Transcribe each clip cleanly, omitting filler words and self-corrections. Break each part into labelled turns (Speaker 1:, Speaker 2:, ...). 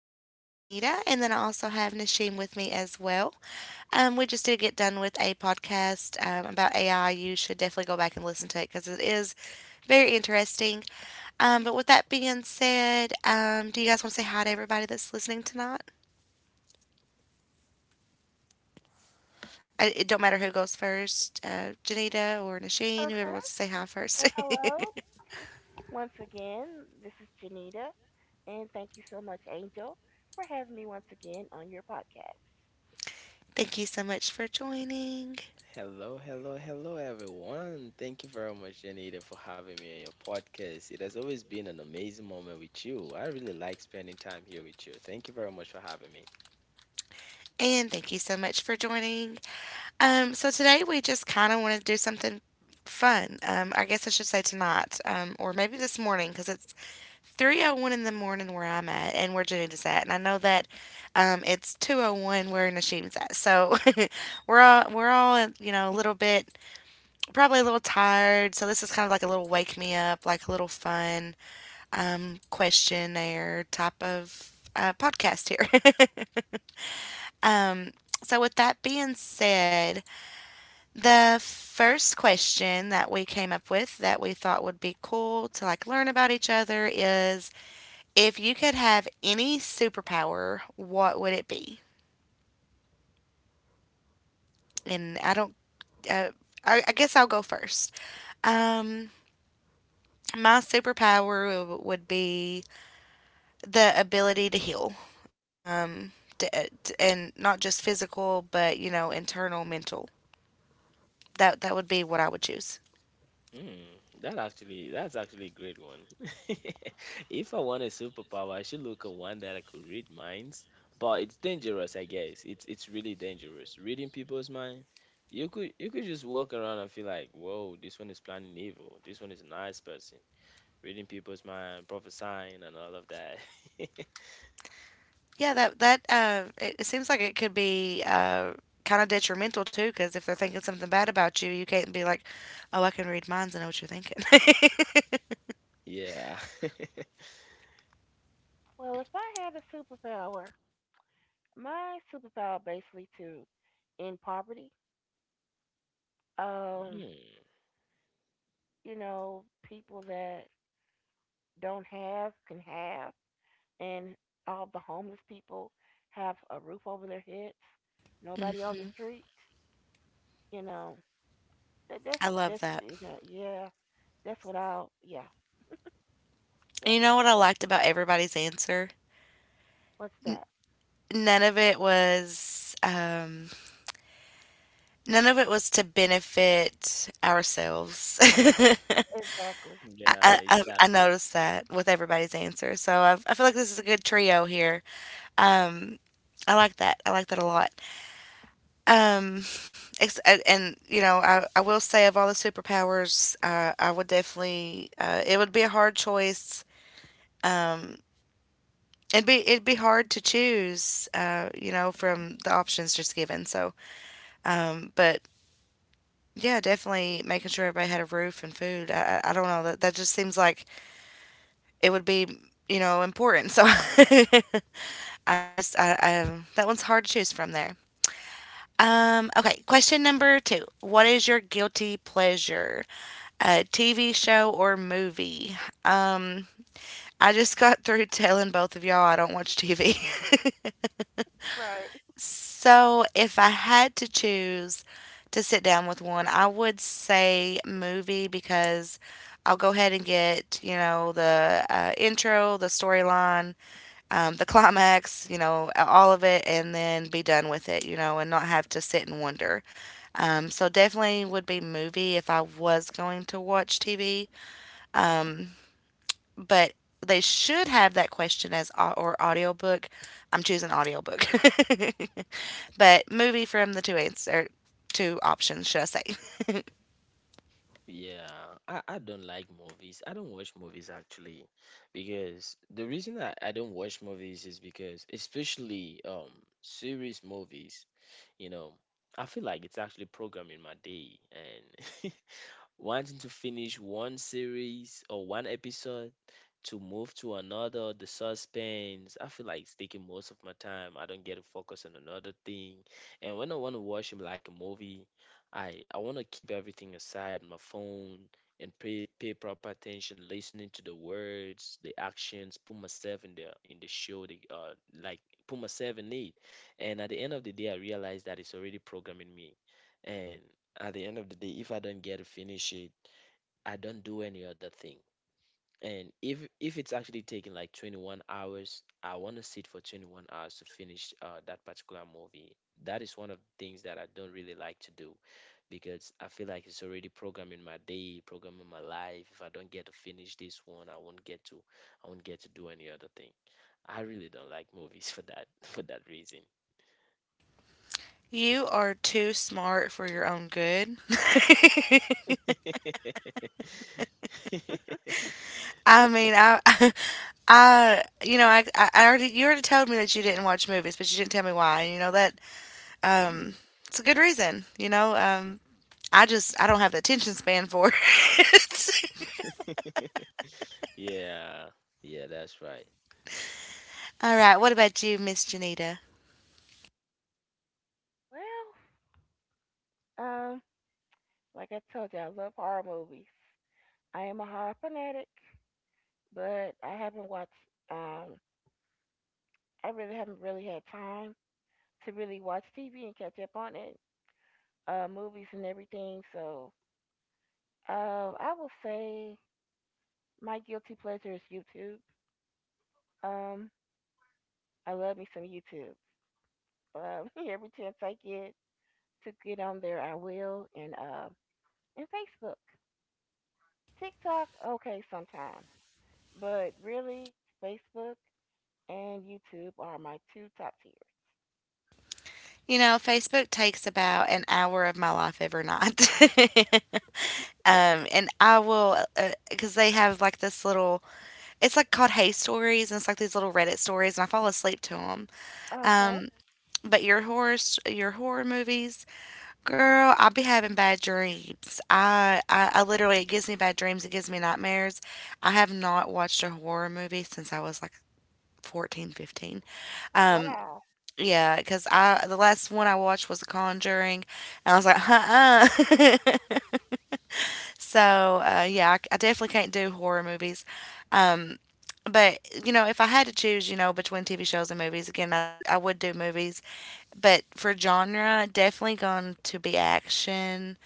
Speaker 1: one is Janita, and then I also have Nashim with me as well. We just did get done with a podcast about AI. You should definitely go back and listen to it because it is very interesting. But with that being said, do you guys want to say hi to everybody that's listening tonight? It don't matter who goes first, Janita or Nasheen, whoever
Speaker 2: Okay.
Speaker 1: wants to say hi first.
Speaker 2: Well, hello once again. This is Janita, and thank you so much, Angel, for having me once again on your podcast.
Speaker 1: Thank you so much for joining.
Speaker 3: Hello, hello, hello, everyone. Thank you very much, Janita, for having me on your podcast. It has always been an amazing moment with you. I really like spending time here with you. Thank you very much for having me.
Speaker 1: And thank you so much for joining. So today we just kind of want to do something fun. I guess I should say tonight, or maybe this morning, because it's 3:01 in the morning where I'm at and where Janita's at. And I know that it's 2:01 where Nashim's at. So we're all, a little bit, probably a little tired. So this is kind of like a little wake me up, like a little fun questionnaire type of podcast here. Um, so, with that being said, the first question that we came up with that we thought would be cool to like learn about each other is, if you could have any superpower, what would it be? And I don't, uh, I guess I'll go first. Um, my superpower would be the ability to heal. Um, and not just physical, but you know, internal, mental. That would be what I would choose.
Speaker 3: Hmm, that actually, that's actually a great one. If I want a superpower, I should look at one that I could read minds. But it's dangerous, I guess. It's really dangerous. Reading people's mind. You could just walk around and feel like, whoa, this one is planning evil. This one is a nice person. Reading people's mind, prophesying, and all of that.
Speaker 1: Yeah, that that it, it seems like it could be kind of detrimental too, because if they're thinking something bad about you, you can't be like, "Oh, I can read minds. I know what you're thinking."
Speaker 3: Yeah.
Speaker 2: Well, if I had a superpower, my superpower basically to end poverty. Um,
Speaker 3: Mm.
Speaker 2: people that don't have can have, and all the homeless people have a roof over their heads. Nobody on the street. You know, that,
Speaker 1: I love
Speaker 2: that's
Speaker 1: that.
Speaker 2: you know, yeah, that's what I'll yeah.
Speaker 1: And
Speaker 2: yeah.
Speaker 1: you know what I liked about everybody's answer?
Speaker 2: What's
Speaker 1: N-
Speaker 2: that?
Speaker 1: none of it was um, None of it was to benefit ourselves. I,
Speaker 2: Exactly.
Speaker 3: Yeah,
Speaker 1: I, I I
Speaker 3: exactly.
Speaker 1: noticed that with everybody's answer, so I feel like this is a good trio here. Um, I like that. I like that a lot. Um, and you know, I will say of all the superpowers, I would definitely. It would be a hard choice. Um, it'd be hard to choose. You know, from the options just given. So, but yeah, definitely making sure everybody had a roof and food. I don't know, that just seems like it would be, you know, important. So, I that one's hard to choose from there. Okay, question number two. What is your guilty pleasure? A TV show or movie. Um, I just got through telling both of y'all I don't watch TV.
Speaker 2: Right.
Speaker 1: So if I had to choose to sit down with one, I would say movie, because I'll go ahead and get, you know, the intro, the storyline, the climax, you know, all of it, and then be done with it, you know, and not have to sit and wonder. So definitely would be movie if I was going to watch TV. Um, but they should have that question as or audiobook. I'm choosing audiobook. But movie from the two options, should I say.
Speaker 3: Yeah, I don't like movies. I don't watch movies actually because the reason I don't watch movies is because especially serious movies, you know, I feel like it's actually programming my day and wanting to finish one series or one episode to move to another, the suspense. I feel like it's taking most of my time. I don't get to focus on another thing. And when I want to watch him like a movie, I want to keep everything aside, my phone, and pay proper attention, listening to the words, the actions, put myself in the show, the like put myself in it. And at the end of the day, I realize that it's already programming me. And at the end of the day, if I don't get to finish it, I don't do any other thing. And if it's actually taking like 21 hours, I want to sit for 21 hours to finish that particular movie. That is one of the things that I don't really like to do because I feel like it's already programming my day, programming my life. If I don't get to finish this one, I won't get to do any other thing. I really don't like movies for that for that reason.
Speaker 1: You are too smart for your own good. I mean, I I you know, I already you already told me that you didn't watch movies, but you didn't tell me why. You know that um
Speaker 3: Mm.
Speaker 1: it's a good reason, you know. I don't have the attention span for it.
Speaker 3: Yeah. Yeah, that's right.
Speaker 1: All right, what about you, Miss Janita?
Speaker 2: Well, like I told you, I love horror movies. I am a horror fanatic, but I haven't watched. Um, I really haven't really had time to really watch TV and catch up on it, movies and everything. So, I will say my guilty pleasure is YouTube. Um, I love me some YouTube. Every chance I get to get on there, I will, and Facebook. TikTok, okay, sometimes. But really, Facebook and YouTube are my two top tiers.
Speaker 1: You know, Facebook takes about an hour of my life every night. And I will, because they have like this little, it's like called Hey Stories, and it's like these little Reddit stories, and I fall asleep to them.
Speaker 2: Okay.
Speaker 1: Um, but your your horror movies, girl, I'll be having bad dreams. I literally, it gives me bad dreams. It gives me nightmares. I have not watched a horror movie since I was like 14, 15.
Speaker 2: Oh,
Speaker 1: 15.
Speaker 2: wow.
Speaker 1: Yeah, because I the last one I watched was The Conjuring, and I was like, uh-uh. So yeah, I definitely can't do horror movies. But you know, if I had to choose, you know, between TV shows and movies, again, I would do movies. But for genre, definitely going to be action.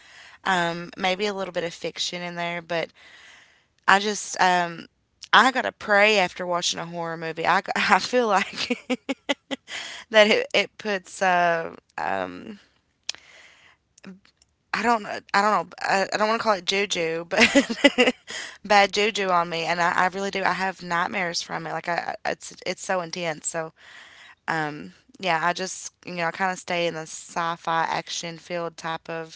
Speaker 1: Maybe a little bit of fiction in there, but I just um, I gotta pray after watching a horror movie. I feel like that it puts I don't know- I don't know I don't want to call it juju, but bad juju on me, and I really do. I have nightmares from it. It's it's so intense. So yeah, I just you know, I kind of stay in the sci-fi action field type of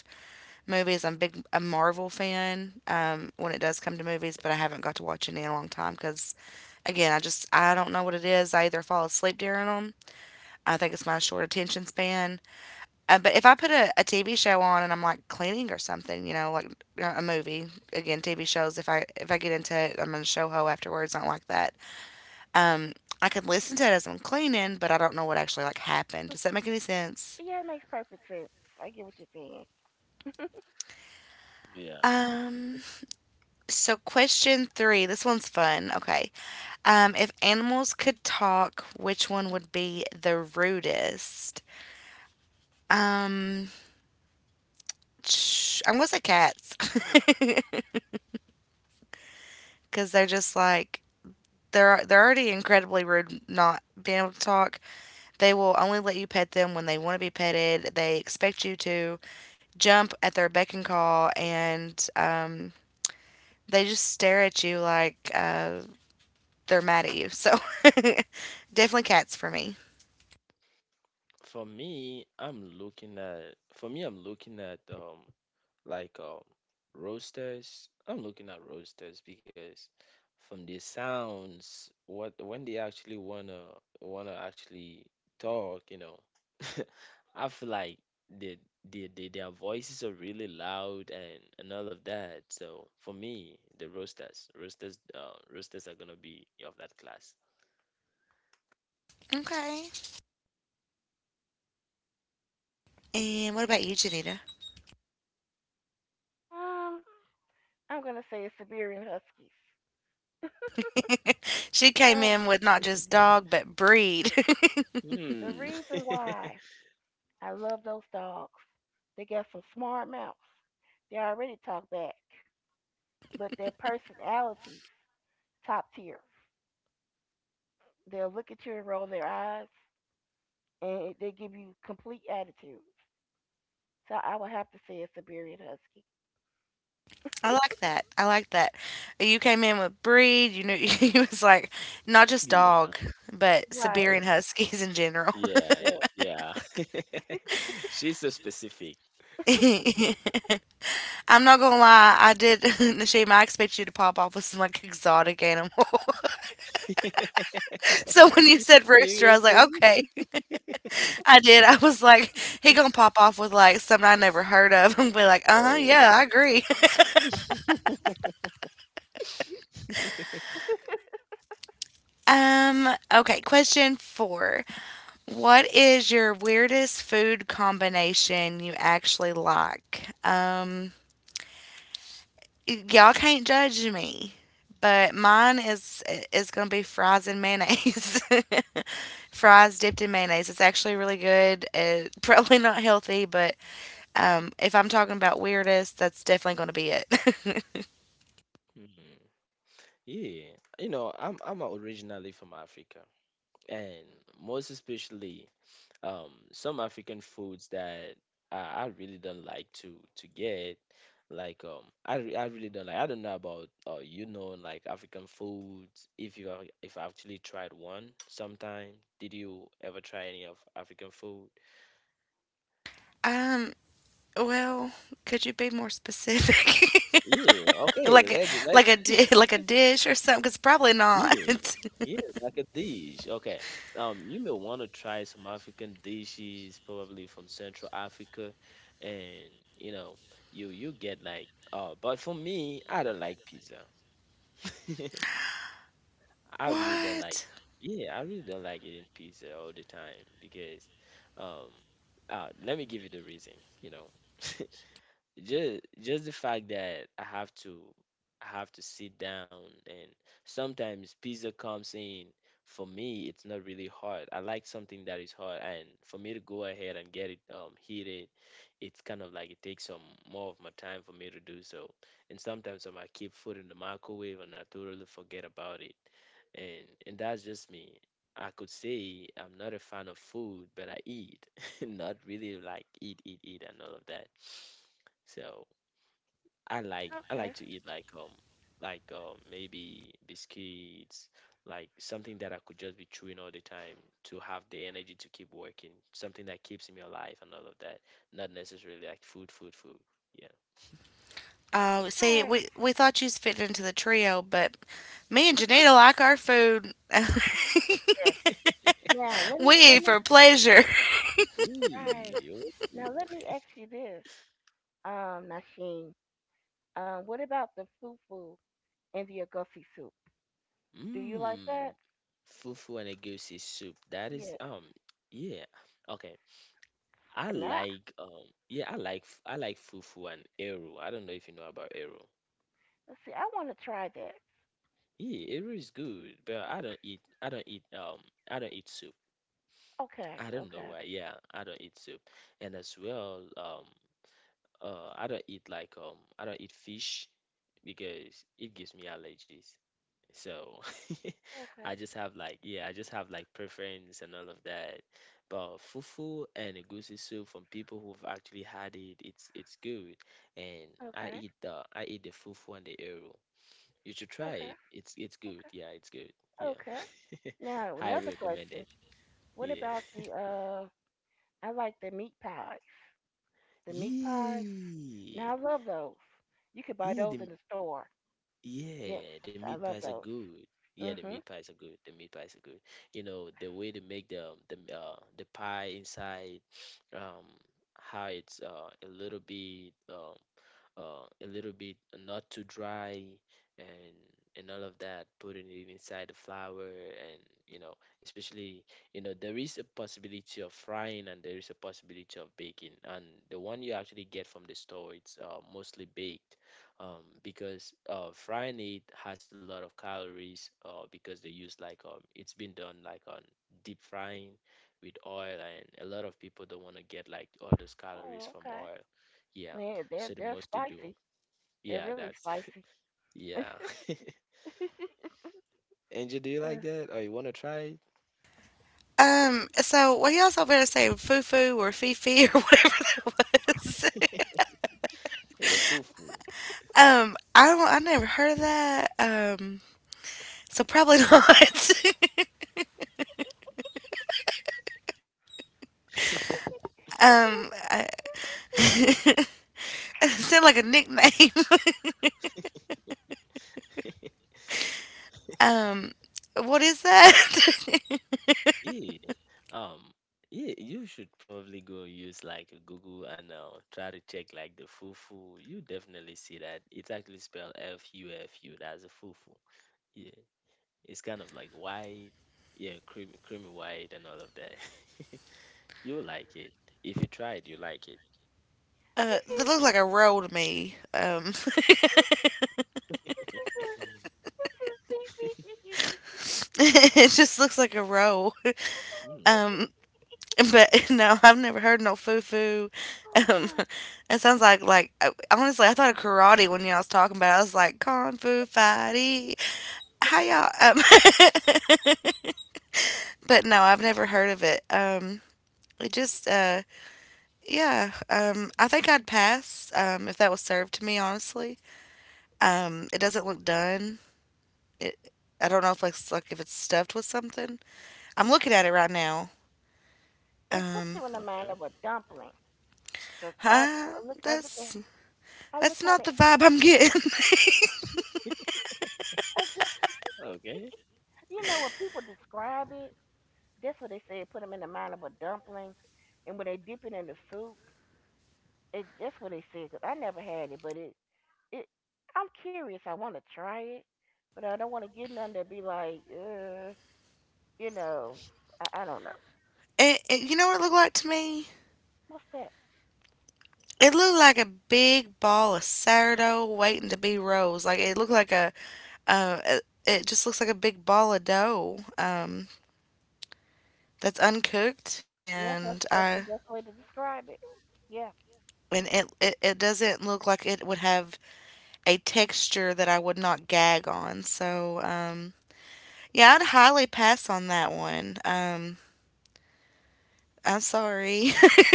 Speaker 1: movies. I'm big a Marvel fan when it does come to movies, but I haven't got to watch any in a long time because again I just I don't know what it is. I either fall asleep during them. I think it's my short attention span, but if I put a, TV show on and I'm like cleaning or something, you know, like uh, a movie, TV shows, if I get into it, I'm in a show ho afterwards. I don't like that. I could listen to it as I'm cleaning, but I don't know what actually like happened. Does that make any sense?
Speaker 2: Yeah, it makes perfect sense. I get what you're saying.
Speaker 3: Yeah.
Speaker 1: Um, so question three, this one's fun. Okay. If animals could talk, which one would be the rudest? Um, I'm gonna say cats because they're just like, they're already incredibly rude not being able to talk. They will only let you pet them when they want to be petted. They expect you to jump at their beck and call, and they just stare at you like they're mad at you. So definitely cats for me.
Speaker 3: For me, I'm looking at like um roasters. I'm looking at roasters because from the sounds, what when they actually wanna actually talk, you know, I feel like the the their voices are really loud and all of that. So for me, the roasters are gonna be of that class.
Speaker 1: Okay. And what about you, Janita?
Speaker 2: Um, I'm going to say it's Siberian Huskies.
Speaker 1: She came
Speaker 2: Uh,
Speaker 1: in with not just dog, but breed.
Speaker 2: the
Speaker 3: Hmm.
Speaker 2: reason why I love those dogs, they got some smart mouths. They already talk back, but their personalities, top tier. They'll look at you and roll their eyes, and they give you complete attitude. So I would have to say a Siberian Husky.
Speaker 1: I like that. I like that. You came in with breed, you knew, you was like, not just dog, but
Speaker 2: Right.
Speaker 3: Yeah.
Speaker 1: Siberian Huskies in general.
Speaker 3: Yeah,
Speaker 2: Yes.
Speaker 3: yeah. She's so specific.
Speaker 1: I'm not gonna lie, I did. Nashima, I expect you to pop off with some like exotic animal. So when you said rooster, I was like,
Speaker 3: Seriously?
Speaker 1: okay. I did. I was like, he gonna pop off with like something I never heard of and be like, uh huh,
Speaker 3: Oh.
Speaker 1: yeah, I agree. Okay, question four. What is your weirdest food combination you actually like? Y- y'all can't judge me, but mine is gonna be fries and mayonnaise. Fries dipped in mayonnaise. It's actually really good. It, probably not healthy, but if I'm talking about weirdest, that's definitely gonna be it.
Speaker 3: Hmm. Yeah, you know, I'm originally from Africa, and most especially some African foods that I really don't like to get like I, re- I really don't like. I don't know about you know like African foods. If you are, if I actually tried one sometime, did you ever try any of African food?
Speaker 1: um, well, could you be more specific?
Speaker 3: Yeah, okay.
Speaker 1: Like a
Speaker 3: Let let
Speaker 1: like a dish or something? Cause probably not.
Speaker 3: Yeah, yeah, like a dish. Okay. You may want to try some African dishes, probably from Central Africa, and you know, you get like but for me, I don't like pizza. I really don't like.
Speaker 1: What?
Speaker 3: Yeah, I really don't like eating pizza all the time because um let me give you the reason, you know. Just the fact that I have to sit down and sometimes pizza comes in. For me, it's not really hard. I like something that is hard, and for me to go ahead and get it heated, it's kind of like it takes some more of my time for me to do so. And sometimes I might keep food in the microwave and I totally forget about it, and that's just me. I could say I'm not a fan of food, but I eat, not really like eat, eat, eat, and all of that. So I like I
Speaker 2: Okay.
Speaker 3: like to eat like maybe biscuits, like something that I could just be chewing all the time to have the energy to keep working, something that keeps me alive and all of that. Not necessarily like food, food, food. Yeah.
Speaker 1: Oh, see,
Speaker 2: Right.
Speaker 1: we thought you fit into the trio, but me and Janita like our food.
Speaker 2: Yes. Now
Speaker 1: We
Speaker 2: let
Speaker 1: eat
Speaker 2: me
Speaker 1: for pleasure.
Speaker 2: Right.
Speaker 3: Eee, ooh.
Speaker 2: Now let me ask you this, Nasheen. What about the fufu and the agusi soup? Do you like that?
Speaker 3: Mmm, fufu and egusi soup. That is
Speaker 2: Yeah.
Speaker 3: yeah. Okay. I
Speaker 2: Nah.
Speaker 3: like yeah, I like I like fufu and eru. I don't know if you know about eru.
Speaker 2: Let's see. I want to try that.
Speaker 3: Yeah, eru is good, but I don't eat soup.
Speaker 2: Okay.
Speaker 3: I don't know
Speaker 2: Okay.
Speaker 3: why. Yeah, I don't eat soup. And as well, I don't eat like I don't eat fish because it gives me allergies. So
Speaker 2: Okay.
Speaker 3: I just have like, yeah, I just have like preference and all of that. But fufu and egusi soup from people who've actually had it, it's good. And
Speaker 2: Okay.
Speaker 3: I eat the fufu and the eru. You should
Speaker 2: Okay.
Speaker 3: try it. It's good.
Speaker 2: Okay.
Speaker 3: Yeah, it's good. Yeah.
Speaker 2: Okay. Now
Speaker 3: Highly
Speaker 2: another question.
Speaker 3: recommended.
Speaker 2: What
Speaker 3: Yeah.
Speaker 2: about the? I like the meat pies. The meat pies.
Speaker 3: Yeah.
Speaker 2: Now I love those. You could buy
Speaker 3: Yeah,
Speaker 2: those in
Speaker 3: the
Speaker 2: the store. Yes,
Speaker 3: Yeah, the
Speaker 2: I
Speaker 3: meat
Speaker 2: love
Speaker 3: pies are
Speaker 2: those.
Speaker 3: good. Yeah, the meat
Speaker 2: Mhm.
Speaker 3: pies are good. The meat pies are good. You know, the way they make the the pie inside, um, how it's a little bit not too dry and all of that, putting it inside the flour, and you know, especially, you know, there is a possibility of frying and there is a possibility of baking, and the one you actually get from the store, it's mostly baked, because frying it has a lot of calories, because they use like it's been done like on deep frying with oil, and a lot of people don't want to get like all those calories
Speaker 2: Oh,
Speaker 3: from
Speaker 2: okay.
Speaker 3: oil. Yeah,
Speaker 2: Yeah, they're
Speaker 3: so the
Speaker 2: they're
Speaker 3: most they do.
Speaker 2: spicy. They're
Speaker 3: Yeah,
Speaker 2: really
Speaker 3: that's
Speaker 2: spicy.
Speaker 3: yeah. Angel, do you like
Speaker 2: Ugh.
Speaker 3: that? Or you wanna try it?
Speaker 1: So what y'all all better say, foo or fifi or whatever that was.
Speaker 3: Yeah, the fufu.
Speaker 1: I never heard of that. So probably not.
Speaker 2: You
Speaker 1: um,
Speaker 2: so
Speaker 1: I,
Speaker 2: simple.
Speaker 1: it sounded like a nickname. um, what is that?
Speaker 3: Yeah. Um, yeah, you should probably go use like Google and try to check like the fufu. You definitely see that. It's actually spelled FUFU. That's a fufu. Yeah. It's kind of like white, yeah, creamy, creamy white and all of that. You'll like it. If you try it, you like it.
Speaker 1: Uh,
Speaker 2: This
Speaker 1: that
Speaker 2: is
Speaker 1: looks like a roll to me.
Speaker 2: this is it. This is baby.
Speaker 1: It just looks like a roll.
Speaker 3: Hmm.
Speaker 1: Um, but no, I've never heard no foo foo.
Speaker 2: Oh
Speaker 1: Um,
Speaker 2: God!
Speaker 1: it sounds like honestly, I thought of karate when y'all was talking about. It. I was like kung fu fighty. Hi y'all? But no, I've never heard of it. It just yeah. I think I'd pass, if that was served to me. Honestly, it doesn't look done. It, I don't know if it's like if it's stuffed with something. I'm looking at it right now.
Speaker 2: It puts
Speaker 1: Um,
Speaker 2: you in the mind
Speaker 3: Okay.
Speaker 2: of a dumpling. Cause
Speaker 1: huh? That's
Speaker 2: I look
Speaker 1: that's
Speaker 2: at
Speaker 1: not
Speaker 2: it.
Speaker 1: the vibe I'm getting.
Speaker 2: I get,
Speaker 3: Okay.
Speaker 2: when people describe it, that's what they said. Put them in the mind of a dumpling, and when they dip it in the soup, that's what they said. Cause I never had it, but it, I'm curious. I want to try it, but I don't want to get none that be like, you know, I don't know.
Speaker 1: You know what it looked like to me?
Speaker 2: What's that?
Speaker 1: It looked like a big ball of sourdough waiting to be rose. It just looks like a big ball of dough that's uncooked,
Speaker 2: Yeah,
Speaker 1: and
Speaker 2: that's the
Speaker 1: I
Speaker 2: best way to describe it. Yeah,
Speaker 1: and it doesn't look like it would have a texture that I would not gag on. So yeah, I'd highly pass on that one. I'm sorry,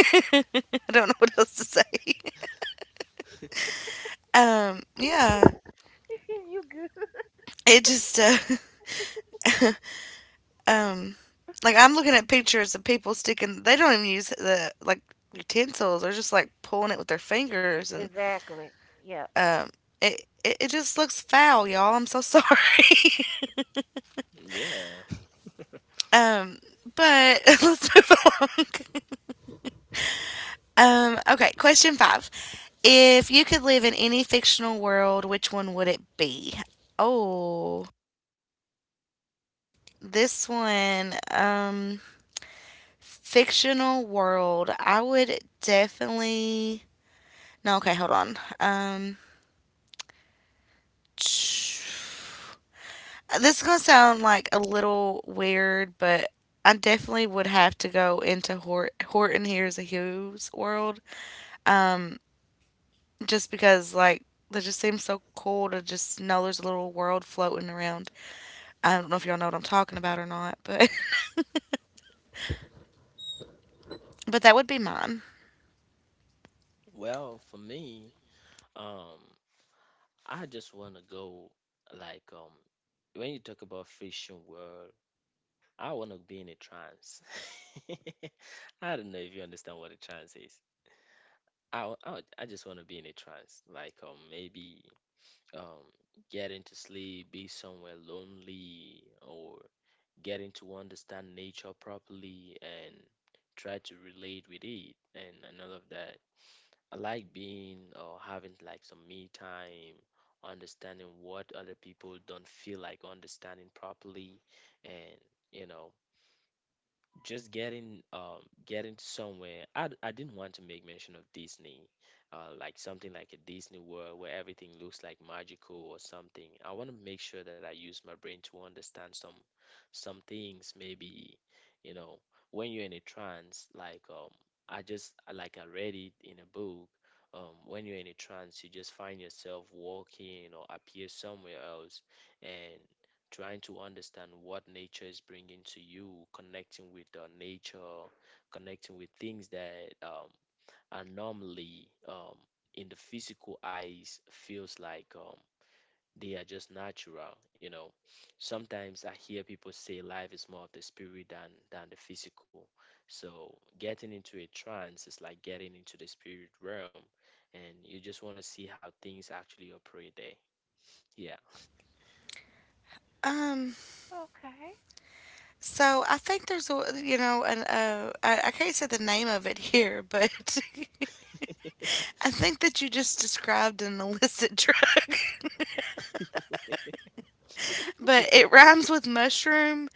Speaker 1: I don't know what else to say. Yeah,
Speaker 2: you good?
Speaker 1: it just. Um like I'm looking at pictures of people sticking they don't even use the utensils, they're just like pulling it with their fingers and
Speaker 2: Exactly. Yeah.
Speaker 1: um it just looks foul, y'all. I'm so sorry.
Speaker 3: Yeah.
Speaker 1: um but let's move along. Okay, question 5. If you could live in any fictional world, which one would it be? Oh, this one fictional world, I would definitely No, okay, hold on. This is gonna sound like a little weird, but I definitely would have to go into Horton Hears a who's world just because like that just seems so cool to just know there's a little world floating around. I don't know if y'all know what I'm talking about or not, but but that would be mine.
Speaker 3: Well, for me, um, I just want to go like when you talk about fiction world, I want to be in a trance. I don't know if you understand what a trance is. I w- I, would- I just want to be in a trance, like maybe um get into sleep, be somewhere lonely, or getting to understand nature properly and try to relate with it and all of that. I like being or having like some me time, understanding what other people don't feel like understanding properly, and you know, just getting getting somewhere. I didn't want to make mention of Disney, uh, like something like a Disney world where everything looks like magical or something. I want to make sure that I use my brain to understand some things. Maybe, you know, when you're in a trance, like um, I just like, I read it in a book, um, when you're in a trance, you just find yourself walking or appear somewhere else, and trying to understand what nature is bringing to you, connecting with nature, connecting with things that are normally in the physical eyes feels like they are just natural. You know, sometimes I hear people say life is more of the spirit than the physical. So getting into a trance is like getting into the spirit realm, and you just want to see how things actually operate there. Yeah.
Speaker 1: Um,
Speaker 2: Okay.
Speaker 1: so I think there's a an I can't say the name of it here, but I think that you just described an illicit drug. But it rhymes with mushroom,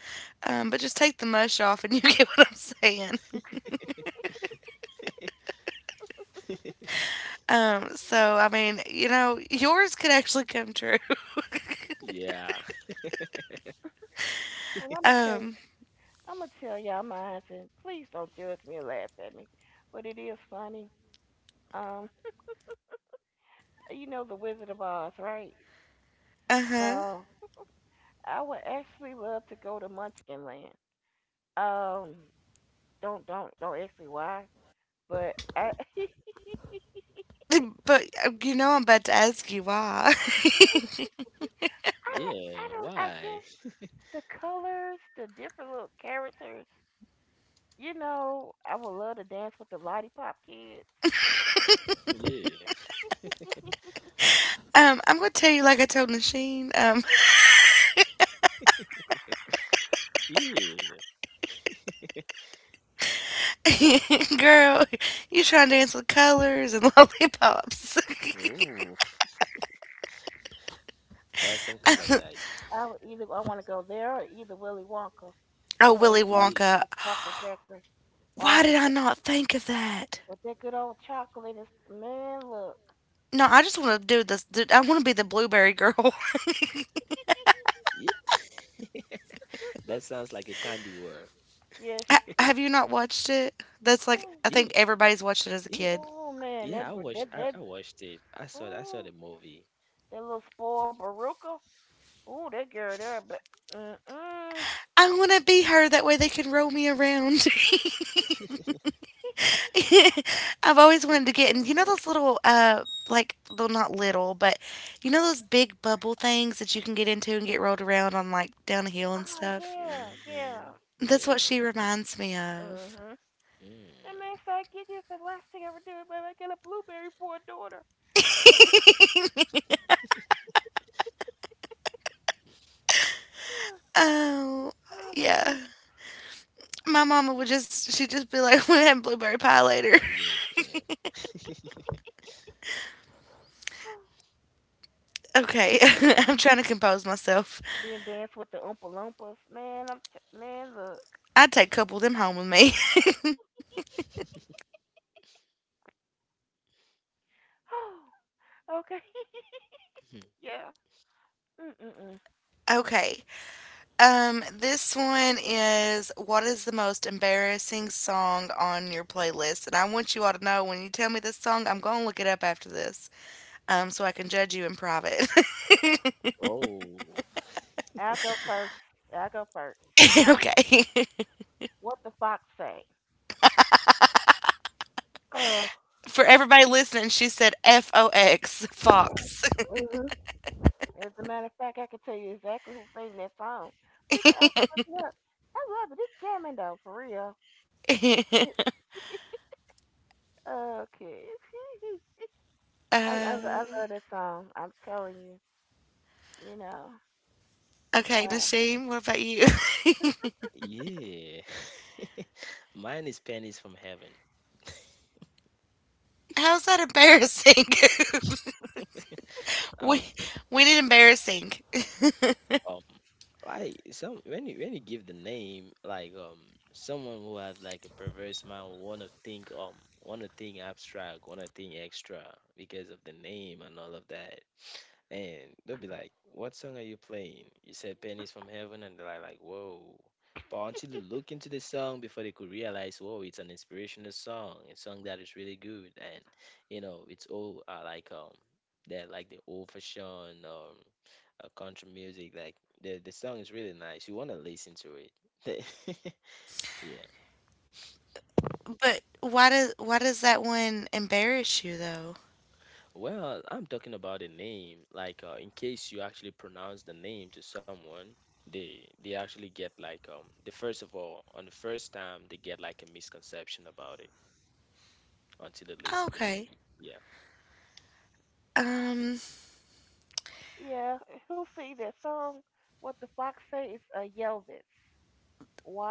Speaker 1: but just take the mush off and you get what I'm saying. I mean, you know, yours could actually come true.
Speaker 3: Yeah.
Speaker 2: Well,
Speaker 1: Um,
Speaker 2: I'm gonna tell y'all mine, and please don't judge me or laugh at me, but it is funny. Um, you know the Wizard of Oz, right?
Speaker 1: uh huh.
Speaker 2: Um, I would actually love to go to Munchkinland. Um, don't ask me why, but I I
Speaker 1: But you know, I'm about to ask you why.
Speaker 2: I
Speaker 3: Yeah,
Speaker 2: don't. I
Speaker 3: why?
Speaker 2: guess the colors, the different little characters. You know, I would love to dance with the lollipop kids.
Speaker 3: Yeah,
Speaker 1: I'm gonna tell you like I told Nasheen.
Speaker 3: yeah.
Speaker 1: Girl, you trying to dance with colors and lollipops.
Speaker 3: Oh, that's some kind of like,
Speaker 2: I would either I want to go there or either Willy Wonka.
Speaker 1: oh,
Speaker 2: You know,
Speaker 1: Willy Wonka.
Speaker 3: yeah,
Speaker 2: the chocolate factory.
Speaker 1: Why
Speaker 2: All
Speaker 1: did
Speaker 2: that
Speaker 1: I
Speaker 2: good,
Speaker 1: not think of that?
Speaker 2: with that good old chocolate and man, look.
Speaker 1: No, I just want to do this. Dude, I want to be the blueberry girl.
Speaker 3: yeah. That sounds like a candy world.
Speaker 2: yeah, she
Speaker 1: Have you not watched it? That's like
Speaker 2: Ooh,
Speaker 1: I
Speaker 3: Yeah,
Speaker 1: think everybody's watched it as a
Speaker 3: yeah,
Speaker 1: kid.
Speaker 2: oh man,
Speaker 3: yeah. I
Speaker 2: that br-
Speaker 3: watched,
Speaker 2: that
Speaker 3: I,
Speaker 2: that
Speaker 3: I watched it. I saw
Speaker 2: oh
Speaker 3: the movie.
Speaker 2: that little spoiled Baruka. Oh that girl there, but mm-mm.
Speaker 1: I want to be her. That way they can roll me around. I've always wanted to get in. You know those little, like, well, not little, but you know those big bubble things that you can get into and get rolled around on, like, down a hill and
Speaker 2: Oh
Speaker 1: stuff?
Speaker 2: yeah,
Speaker 3: Mm-hmm.
Speaker 2: yeah.
Speaker 1: That's what
Speaker 3: Yeah.
Speaker 1: she reminds me of.
Speaker 2: Mm-hmm. And
Speaker 3: Mm.
Speaker 2: man, so I get you the last thing I ever do, but I got a blueberry for a daughter. Yeah.
Speaker 1: Oh,
Speaker 2: Oh my
Speaker 1: yeah.
Speaker 2: god.
Speaker 1: My mama would just, she'd just be like, we're having blueberry pie later.
Speaker 3: Yeah.
Speaker 1: okay,
Speaker 2: Oh, my God.
Speaker 1: I'm trying to compose myself.
Speaker 2: Then dance with the Oompa Loompas. Man, man, look.
Speaker 1: I'd take a couple of them home with me.
Speaker 2: okay. yeah. Mm-mm-mm.
Speaker 1: okay, this one is what is the most embarrassing song on your playlist? And I want you all to know when you tell me this song, I'm gonna look it up after this, so I can judge you in private.
Speaker 3: Oh,
Speaker 2: I'll go first. I'll go first.
Speaker 1: Okay.
Speaker 2: What the fox say? Uh,
Speaker 1: For everybody listening, she said FOX, Fox.
Speaker 2: hmm As a matter of fact, I can tell you exactly who sang that song. So you can actually look it up. I love it. It's jamming though, for real. okay. I
Speaker 1: Uh,
Speaker 2: love that song. I'm telling you. You know.
Speaker 1: okay,
Speaker 2: Uh,
Speaker 1: Nasheem, what about you?
Speaker 3: yeah. Mine is Pennies from Heaven.
Speaker 1: How's that embarrassing? we
Speaker 3: Um,
Speaker 1: we did embarrassing.
Speaker 3: like, some, when you give the name, like um, someone who has like a perverse mind will wanna think, um, wanna think abstract, wanna think extra because of the name and all of that, and they'll be like, what song are you playing? You said Pennies from Heaven, and they're like, whoa. But until they look into the song before they could realize, whoa, it's an inspirational song, a song that is really good, and you know, it's all like um, they're like the old fashioned um, country music. Like the song is really nice. You want to listen to it. Yeah.
Speaker 1: But why does that one embarrass you though?
Speaker 3: Well, I'm talking about a name. Like in case you actually pronounce the name to someone, they actually get like um, the first of all, on the first time they get like a misconception about it until they listen the name.
Speaker 1: Okay.
Speaker 3: Yeah.
Speaker 1: Um
Speaker 2: yeah. Who see that song? What the fox say is Yelvis.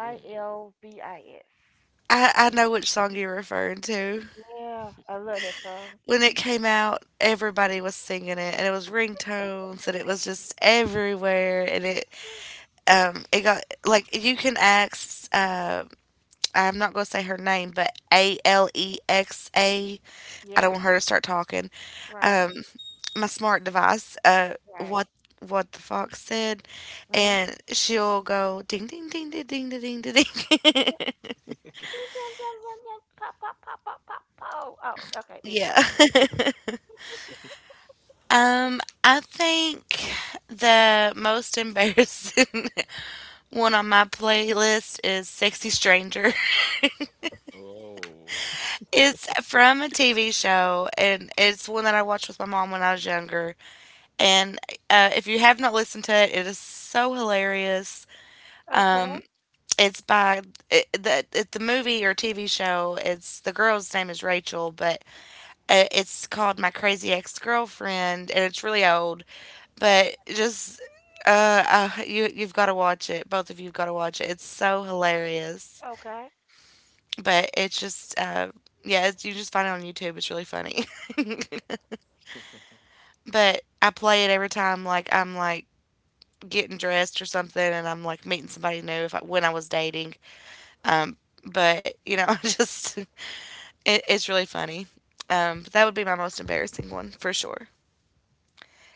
Speaker 3: Mm,
Speaker 2: L V I S.
Speaker 1: I
Speaker 3: mm.
Speaker 1: know which song you're referring to.
Speaker 2: Yeah. I love that song.
Speaker 1: When it came out, everybody was singing it, and it was ringtones, and it was just everywhere. It got like you can ask. I'm not gonna say her name, but Alexa. I don't
Speaker 2: Yeah.
Speaker 1: want her to start talking.
Speaker 2: Right.
Speaker 1: Um, my smart device.
Speaker 2: Right.
Speaker 1: What the fox said,
Speaker 2: hmm
Speaker 1: and she'll go ding ding ding ding ding ding ding. Ding.
Speaker 2: pop, pop, pop, pop, pop, pop. Oh, okay.
Speaker 1: yeah.
Speaker 2: Anyway, yeah.
Speaker 1: I think the most embarrassing one on my playlist is Sexy Stranger.
Speaker 3: Oh.
Speaker 1: It's from a TV show, and it's one that I watched with my mom when I was younger. And if you have not listened to it, it is so hilarious.
Speaker 2: Okay.
Speaker 1: It's by it, the movie or TV show. It's the girl's name is Rachel, but it's called My Crazy Ex Girlfriend, and it's really old but just you've got to watch it. Both of you've got to watch it. It's so hilarious.
Speaker 2: Okay.
Speaker 1: But it's just yeah, it's, you just find it on YouTube. It's really funny. but I play it every time like I'm like getting dressed or something and I'm like meeting somebody new if I, when I was dating. Um but you know, just it's really funny. But that would be my most embarrassing one for sure.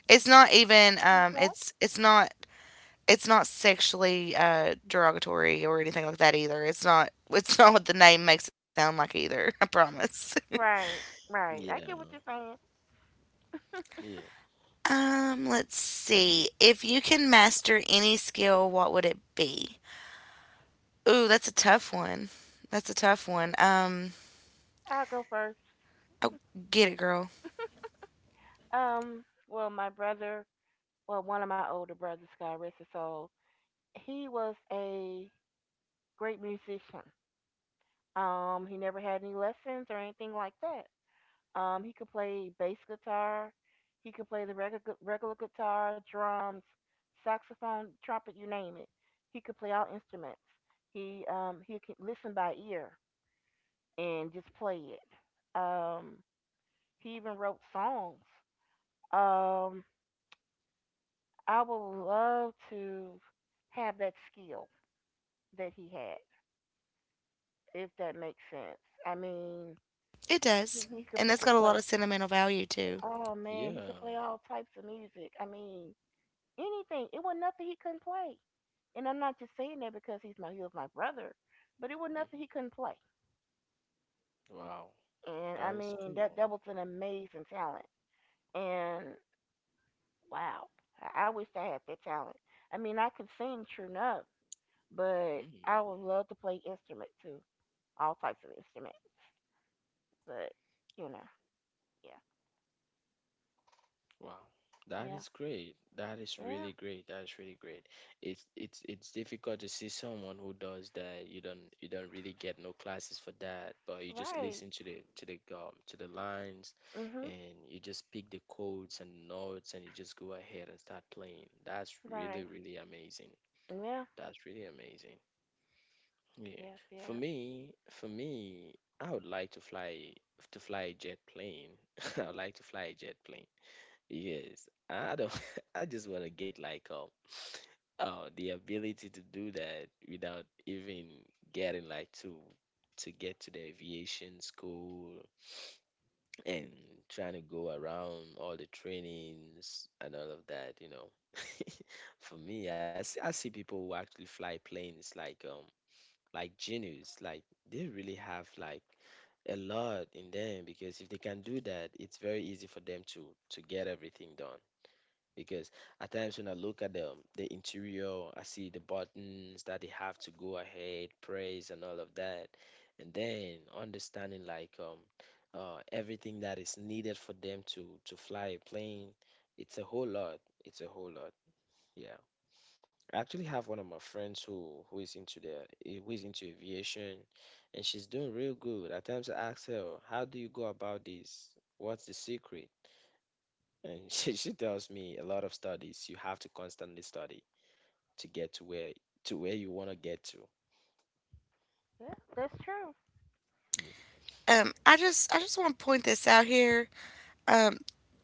Speaker 1: It's not even
Speaker 2: Okay.
Speaker 1: it's not sexually derogatory or anything like that either. It's not. It's not what the name makes it sound like either. I promise.
Speaker 2: Right. Right. I
Speaker 3: Yeah.
Speaker 2: get what you're saying.
Speaker 3: Yeah.
Speaker 1: Let's see. If you can master any skill, what would it be? Ooh, that's a tough one. That's a tough one.
Speaker 2: I'll go first.
Speaker 1: Oh, get it, girl.
Speaker 2: Well, my brother, one of my older brothers, God rest his soul, he was a great musician. He never had any lessons or anything like that. He could play bass guitar. He could play the regular guitar, drums, saxophone, trumpet, you name it. He could play all instruments. He could listen by ear and just play it. He even wrote songs. Um, I would love to have that skill that he had, if that makes sense. I mean,
Speaker 1: It does,
Speaker 2: he could
Speaker 1: and
Speaker 2: he
Speaker 1: that's
Speaker 2: could
Speaker 1: got a lot
Speaker 2: play.
Speaker 1: of sentimental value too.
Speaker 2: Oh man, he
Speaker 3: Yeah.
Speaker 2: could play all types of music. I mean, anything. It was nothing he couldn't play. And I'm not just saying that because he was my brother, but it was
Speaker 3: Mhm.
Speaker 2: nothing he couldn't play.
Speaker 3: Wow.
Speaker 2: And I
Speaker 3: That is
Speaker 2: mean that
Speaker 3: cool.
Speaker 2: that was an amazing talent. And wow, I wish I had that talent. I mean I could sing true enough, but
Speaker 3: Mm.
Speaker 2: I would love to play instrument too, all types of instruments. But you know, yeah,
Speaker 3: Wow, that
Speaker 2: yeah,
Speaker 3: is great. That is
Speaker 2: yeah,
Speaker 3: really great. That is really great. It's difficult to see someone who does that. You don't really get no classes for that, but you just
Speaker 2: right,
Speaker 3: listen to the lines,
Speaker 2: mhm,
Speaker 3: and you just pick the codes and notes, and you just go ahead and start playing. That's really
Speaker 2: right,
Speaker 3: really amazing.
Speaker 2: yeah,
Speaker 3: That's really amazing. Yeah.
Speaker 2: yeah, yeah,
Speaker 3: For me, I would like to fly a jet plane. I would like to fly a jet. Yes, I don't. I just want to get like oh, the ability to do that without even getting like to get to the aviation school and trying to go around all the trainings and all of that. You know, for me, I see people who actually fly planes like genius. Like they really have like a lot in them because if they can do that, it's very easy for them to get everything done because at times when I look at the interior, I see the buttons that they have to go ahead, praise and all of that, and then understanding like everything that is needed for them to fly a plane. It's a whole lot. It's a whole lot. Yeah, I actually have one of my friends who is into who is into aviation, and she's doing real good. At times I ask her, "How do you go about this? What's the secret?" And she tells me a lot of studies you have to constantly study to get to where you want to get to.
Speaker 2: yeah. That's true.
Speaker 3: Yeah.
Speaker 1: I just want to point this out here. Um,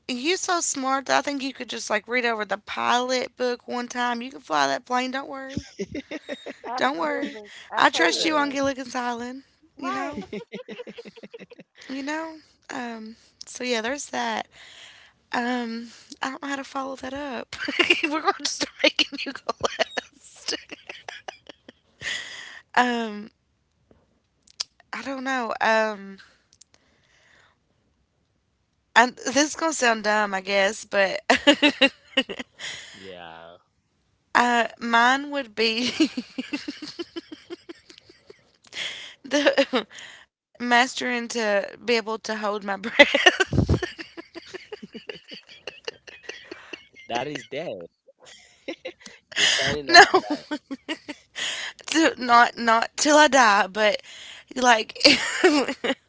Speaker 1: you so smart that I think you could just like read over the pilot book one time. You can fly that plane. Don't worry. Don't worry.
Speaker 2: Absolutely, I
Speaker 1: I trust
Speaker 2: totally
Speaker 1: you on
Speaker 2: agree.
Speaker 1: Gilligan's Island. You
Speaker 2: Right.
Speaker 1: know? You know? Um, so yeah, there's that. Um, I don't know how to follow that up. We're going to start making you go last. Um, I don't know. This is going to sound dumb, I guess, but
Speaker 3: Yeah.
Speaker 1: mine would be the mastering to be able to hold my breath.
Speaker 3: Yeah. That is there. You're signing
Speaker 1: no,
Speaker 3: up for that.
Speaker 1: to, not not till I die, but like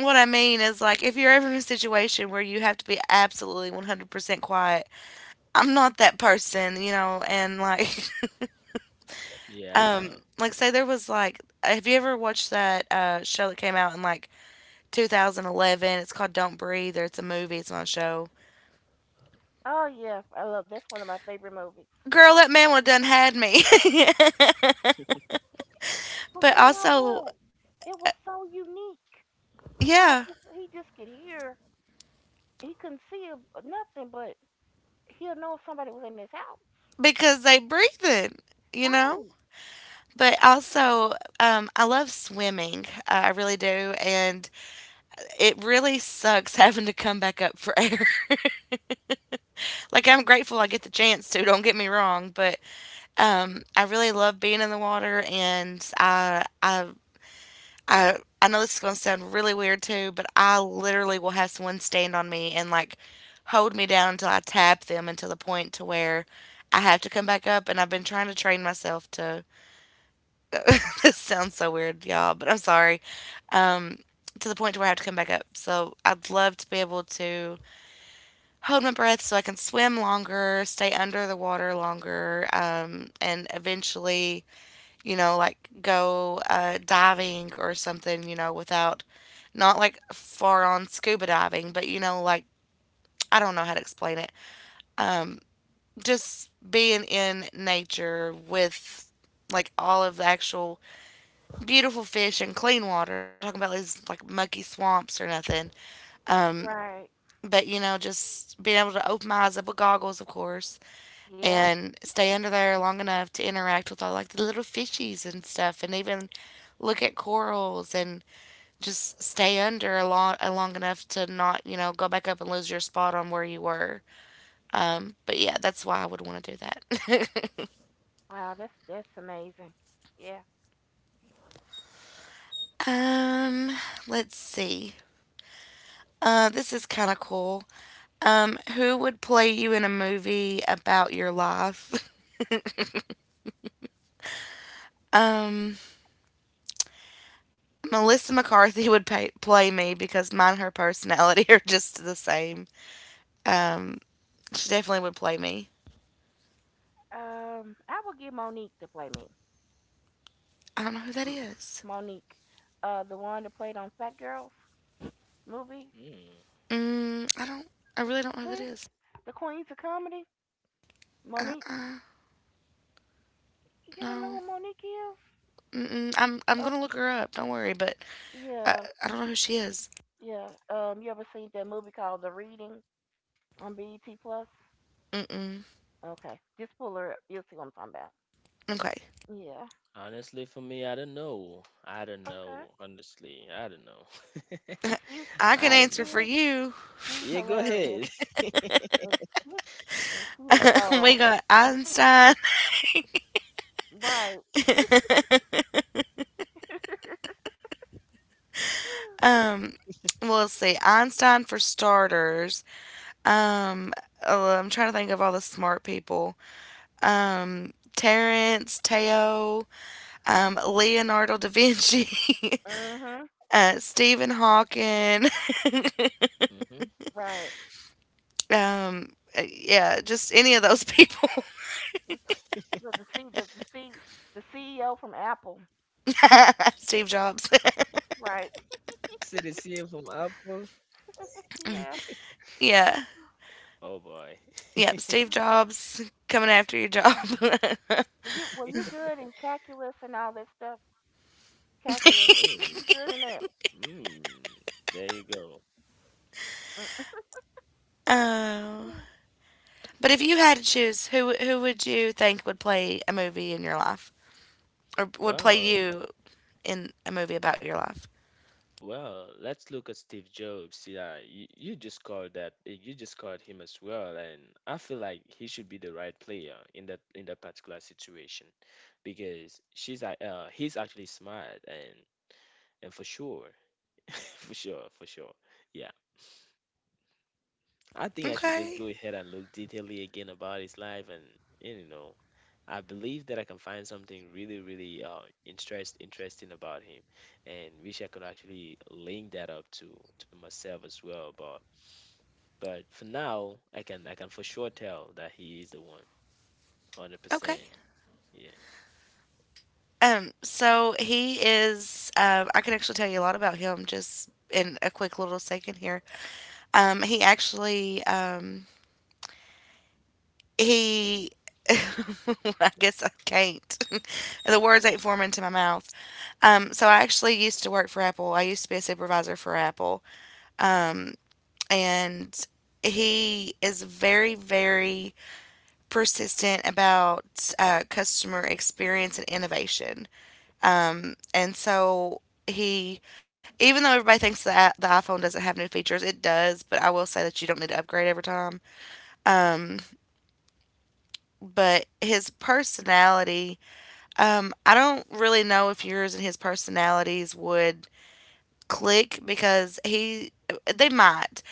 Speaker 1: what I mean is, like, if you're ever in a situation where you have to be absolutely 100% quiet, I'm not that person, you know, and like,
Speaker 3: Yeah.
Speaker 1: like, say there was like, have you ever watched that show that came out in like 2011? It's called Don't Breathe, or it's a movie, it's not a show.
Speaker 2: Oh yeah, I love that's one of my favorite movies.
Speaker 1: Girl, that man would have done had me.
Speaker 2: But
Speaker 1: but
Speaker 2: you know
Speaker 1: also,
Speaker 2: what? It was so unique how
Speaker 1: yeah,
Speaker 2: he just could hear. He couldn't see nothing, but he'll know if somebody was in his house.
Speaker 1: because they breathing, you know?
Speaker 2: Right.
Speaker 1: But also, I love swimming. I really do. And it really sucks having to come back up for air. Like I'm grateful I get the chance to. Don't get me wrong, but I really love being in the water, and I know this is gonna sound really weird too, but I literally will have someone stand on me and like hold me down until I tap them until the point to where I have to come back up. And I've been trying to train myself to. This sounds so weird, y'all, but I'm sorry. To the point to where I have to come back up. So I'd love to be able to hold my breath so I can swim longer, stay under the water longer, and eventually, you know, like go diving or something, you know, without not like far on scuba diving, but you know, like I don't know how to explain it. Just being in nature with like all of the actual beautiful fish and clean water. I'm not talking about these like mucky swamps or nothing,
Speaker 2: Right.
Speaker 1: but you know, just being able to open my eyes up with goggles, of course,
Speaker 2: Yeah.
Speaker 1: and stay under there long enough to interact with all like the little fishies and stuff and even look at corals and just stay under a long enough to not, you know, go back up and lose your spot on where you were. But yeah, that's why I would want to do that.
Speaker 2: Wow. That's amazing. Yeah.
Speaker 1: um, let's see. This is kind of cool. Who would play you in a movie about your life? Melissa McCarthy would play me because mine and her personality are just the same. She definitely would play me.
Speaker 2: I would give Monique to play me.
Speaker 1: I don't know who that
Speaker 2: M-
Speaker 1: is.
Speaker 2: Monique, the one that played on Fat Girls movie,
Speaker 3: Hmm.
Speaker 1: Mm, I don't. I really don't know who that
Speaker 2: Meh,
Speaker 1: is.
Speaker 2: the Queens of Comedy.
Speaker 1: Uh,
Speaker 2: Monique.
Speaker 1: uh
Speaker 2: You don't
Speaker 1: no.
Speaker 2: know who Monique is?
Speaker 1: Mm-mm. I'm
Speaker 2: A
Speaker 1: gonna look her up. Don't worry, but I
Speaker 2: Yeah,
Speaker 1: I don't know who she is.
Speaker 2: yeah. You ever seen that movie called The Reading on BET Plus?
Speaker 1: Mm-mm.
Speaker 2: Okay, just pull her up. You'll see what I'm talking about.
Speaker 1: Okay,
Speaker 2: Yeah.
Speaker 3: Honestly, for me, I don't know. I don't
Speaker 2: Okay.
Speaker 3: know. Honestly, I don't know.
Speaker 2: She's
Speaker 1: I can
Speaker 3: I don't
Speaker 1: answer for
Speaker 3: know.
Speaker 2: cool.
Speaker 1: you.
Speaker 2: She's
Speaker 3: Yeah, go
Speaker 2: hilarious.
Speaker 3: ahead.
Speaker 2: And she, and she is
Speaker 1: We
Speaker 2: bold.
Speaker 1: got Einstein.
Speaker 2: Right.
Speaker 1: Um, well, let's see. Einstein for starters. Um, oh, well, I'm trying to think of all the smart people. Terence, Teo, Leonardo da Vinci,
Speaker 2: Yeah. Mm-hmm.
Speaker 1: Stephen Hawking,
Speaker 3: Hmm.
Speaker 2: Right.
Speaker 1: Um, yeah, just any of those people.
Speaker 2: The the C the, the C the CEO from Apple.
Speaker 1: Steve Jobs.
Speaker 2: Right.
Speaker 3: This is the CM from Apple.
Speaker 2: Yeah.
Speaker 1: yeah.
Speaker 3: Oh boy.
Speaker 1: Yep, Steve Jobs coming after your job.
Speaker 2: Were you good in calculus and all that stuff? Calculus. Were
Speaker 3: Oh.
Speaker 2: you good in that?
Speaker 3: Mm, there you go.
Speaker 2: Uh,
Speaker 1: oh. But if you had to choose, who would you think would play a movie in your life? Or would play
Speaker 3: Well,
Speaker 1: you in a movie about your life?
Speaker 3: well, let's look at Steve Jobs. Yeah, you just called him as well, and I feel like he should be the right player in that particular situation because he's actually smart and for sure, for sure, for sure. Yeah, I think I should just
Speaker 1: Okay.
Speaker 3: go ahead and look detailedly again about his life and, you know, I believe that I can find something really, really interesting about him, and wish I could actually link that up to myself as well. But for now, I can for sure tell that he is the one, hundred
Speaker 1: Okay.
Speaker 3: percent. Yeah.
Speaker 1: So he is, I can actually tell you a lot about him just in a quick little second here. He actually, he I guess I can't. The words ain't forming to my mouth. So I actually used to work for Apple. I used to be a supervisor for Apple,
Speaker 3: Hmm.
Speaker 1: and he is very, very persistent about customer experience and innovation. And so he, even though everybody thinks that the iPhone doesn't have new features, it does. But I will say that you don't need to upgrade every time. Um, but his personality I don't really know if yours and his personalities would click because he they might.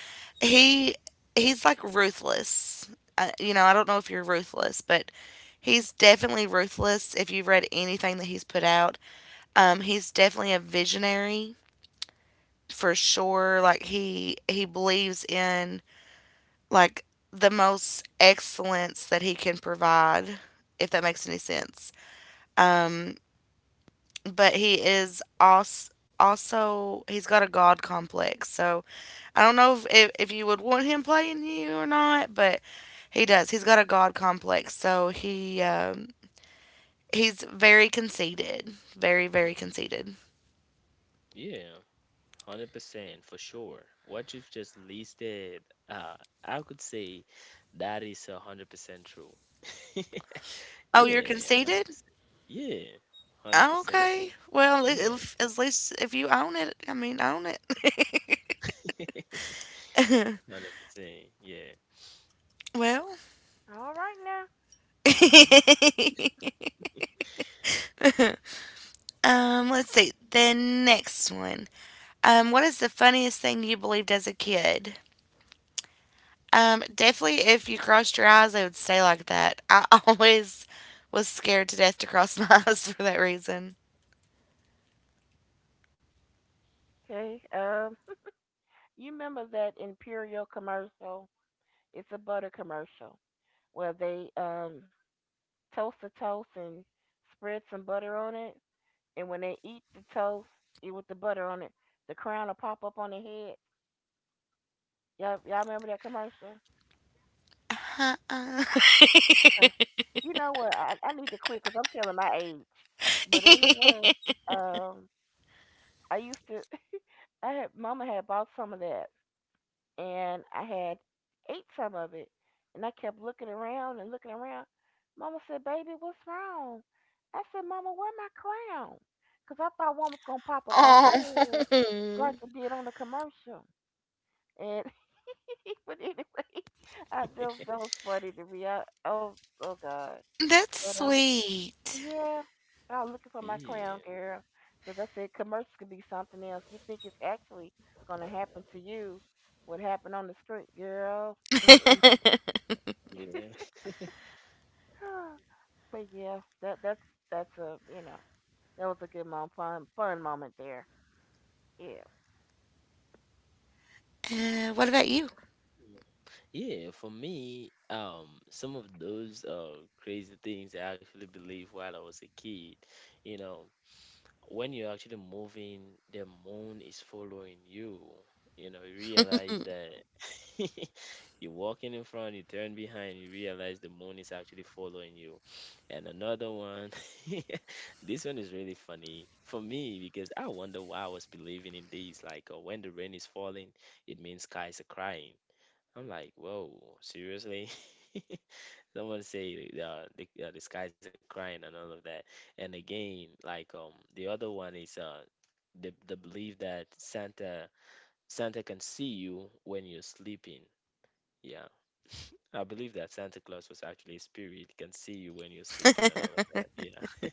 Speaker 1: He he's like ruthless. You know, I don't know if you're ruthless, but he's definitely ruthless. If you've read anything that he's put out, he's definitely a visionary for sure. He believes in like the most excellence that he can provide, if that makes any sense. But he is also he's got a god complex. So I don't know if you would want him playing you or not, but he does. He's got a god complex. So he's very conceited, very
Speaker 3: Hmm.
Speaker 1: conceited.
Speaker 3: Yeah. 100% for sure. What you've just listed, uh, I could say that a is 100% true.
Speaker 1: Oh, you're
Speaker 3: Yeah, hundred
Speaker 1: conceited?
Speaker 3: percent. Yeah, hundred
Speaker 1: Oh,
Speaker 3: percent.
Speaker 1: okay. Well, at
Speaker 3: Yeah,
Speaker 1: at- at least if you own it, I mean, own it.
Speaker 3: 100%. Yeah,
Speaker 1: Well,
Speaker 2: All right now.
Speaker 3: hmm.
Speaker 1: let's see. The next one. What is the funniest thing you believed as a kid? Definitely if you crossed your eyes, they would stay like that. I always was scared to death to cross my eyes for that reason.
Speaker 2: Okay. You remember that Imperial commercial? It's a butter commercial where they toast a toast and spread some butter on it. And when they eat the toast eat with the butter on it, the crown will pop up on their head. Y'all remember that commercial?
Speaker 1: Uh-uh.
Speaker 2: Okay. You know what? I need to quit because I'm telling my age. But anyway, um, I used to, Mama had bought some of that and I had ate some of it. And I kept looking around and looking around. Mama said, Baby, what's wrong? I said, Mama, where my crown? Because I thought one was going to pop up on my head
Speaker 1: Oh,
Speaker 2: like it did on the commercial. And, but anyway, that was funny to me. Oh, oh God.
Speaker 1: that's
Speaker 2: But,
Speaker 1: sweet.
Speaker 2: yeah, I was looking for my crown,
Speaker 3: Yeah.
Speaker 2: girl, because I said commercials could be something else. You think it's actually gonna happen to you? What happened on the screen, girl? Mm-mm.
Speaker 3: Yeah.
Speaker 2: but yeah, that's that's a you know that was a good mom fun fun moment there. If
Speaker 1: What about you?
Speaker 3: Yeah, for me, some of those crazy things I actually believed while I was a kid, you know, when you're actually moving, the moon is following you. You know, you realize that you're walking in front, you turn behind, you realize the moon is actually following you. And another one, this one is really funny for me because I wonder why I was believing in these. Like, when the rain is falling, it means skies are crying. I'm like, whoa, seriously? Someone say the skies are crying and all of that. And again, like the other one is the belief that Santa Santa can see you when you're sleeping. Yeah, I believe that Santa Claus was actually a spirit can see you when you're sleeping and all of that. Yeah.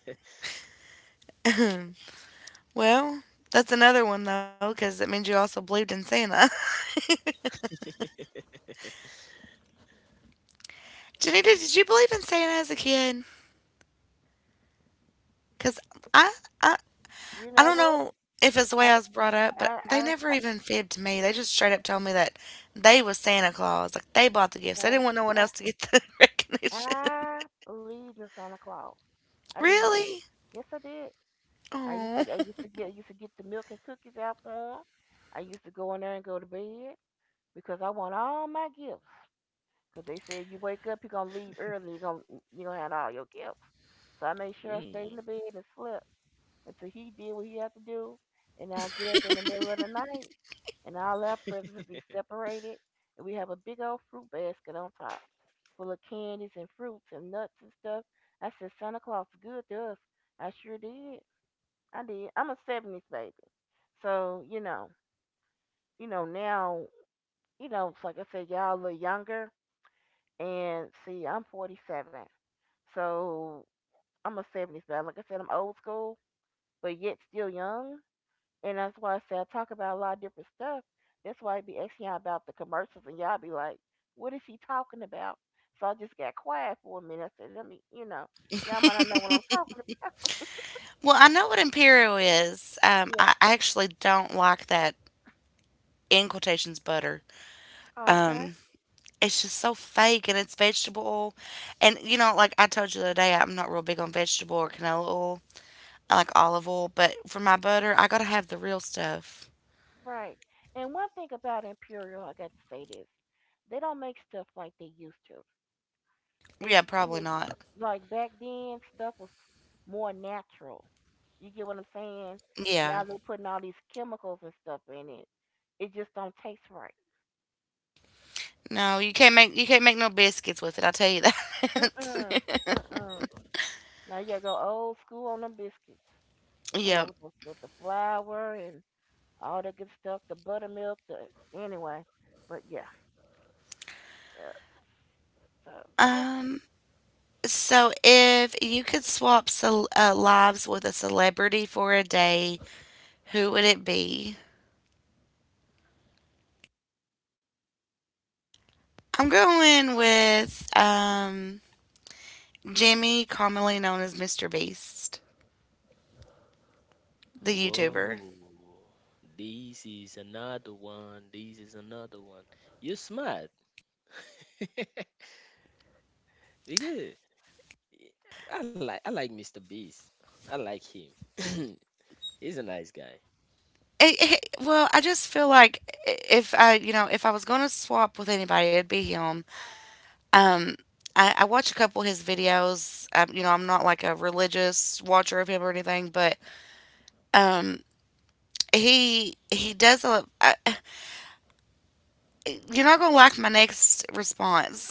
Speaker 1: Well, that's another one though, because it means you also believed in Santa. Janita, did you believe in Santa as a kid? Because I, I
Speaker 2: you
Speaker 1: I
Speaker 2: know
Speaker 1: don't
Speaker 2: what,
Speaker 1: know if it's the way I
Speaker 2: I
Speaker 1: was brought up, but
Speaker 2: I
Speaker 1: they
Speaker 2: I
Speaker 1: never even fibbed to me. They just straight up told me that they was Santa Claus. Like they bought the
Speaker 2: I,
Speaker 1: gifts. They
Speaker 2: I,
Speaker 1: didn't want no one
Speaker 2: I
Speaker 1: else to get the recognition.
Speaker 2: I believed in Santa Claus. I did.
Speaker 1: Really?
Speaker 2: Yes, I did.
Speaker 1: Oh.
Speaker 2: I used to get the milk and cookies out for him. I used to go in there and go to bed. Because I want all my gifts. Because they said you wake up, you're gonna leave early, you're gonna have all your gifts. So I made sure I stayed in
Speaker 3: Mm.
Speaker 2: the bed and slept until he did what he had to do, and I get up in the middle of the night, and all our presents will be separated, and we have a big old fruit basket on top full of candies and fruits and nuts and stuff. I said Santa Claus is good to us. I sure did. I did. I'm a '70s baby, so you know, you know now, it's like I said, y'all a little younger. And see, I'm 47, so I'm a '70s baby. Like I said, I'm old school, but yet still young. And that's why I say I talk about a lot of different stuff. That's why I be asking y'all about the commercials, and y'all be like, "What is she talking about?" So I just got quiet for a minute. I said, "Let me, y'all might not know what I'm talking about."
Speaker 1: Well, I know what Imperial is. I actually don't like that in quotations butter.
Speaker 2: Yeah. Okay.
Speaker 1: Um, it's just so fake and it's vegetable oil. And you know, like I told you the other day, I'm not real big on vegetable or canola oil. I like olive oil, but for my butter, I gotta have the real stuff.
Speaker 2: Right. And one thing about Imperial, I got to say this: they don't make stuff like they used to. If
Speaker 1: Yeah,
Speaker 2: you
Speaker 1: probably
Speaker 2: know,
Speaker 1: not.
Speaker 2: like back then, stuff was more natural. You get what I'm saying?
Speaker 1: Yeah.
Speaker 2: Now they're putting all these chemicals and stuff in it. It just don't taste right.
Speaker 1: No, you can't make no biscuits with it. I'll tell you
Speaker 2: Mm-mm.
Speaker 1: that.
Speaker 2: Mm-mm. Now you gotta go old school on them biscuits. Talking
Speaker 1: Yep.
Speaker 2: about with with the flour and all that good stuff, the buttermilk, the anyway. But yeah, yeah. So yeah,
Speaker 1: Um. So, if you could swap lives with a celebrity for a day, who would it be? I'm going with Jimmy, commonly known as Mr. Beast, the YouTuber.
Speaker 3: Whoa. This is another one. This is another one. You're smart. We good. I like Mr. Beast. I like him. He's a nice guy.
Speaker 1: Well, I just feel like if I, you know, if I was going to swap with anybody, it'd be him. Um, I watch a couple of his videos. You know, I'm not like a religious watcher of him or anything, but um, he you're not gonna like my next response.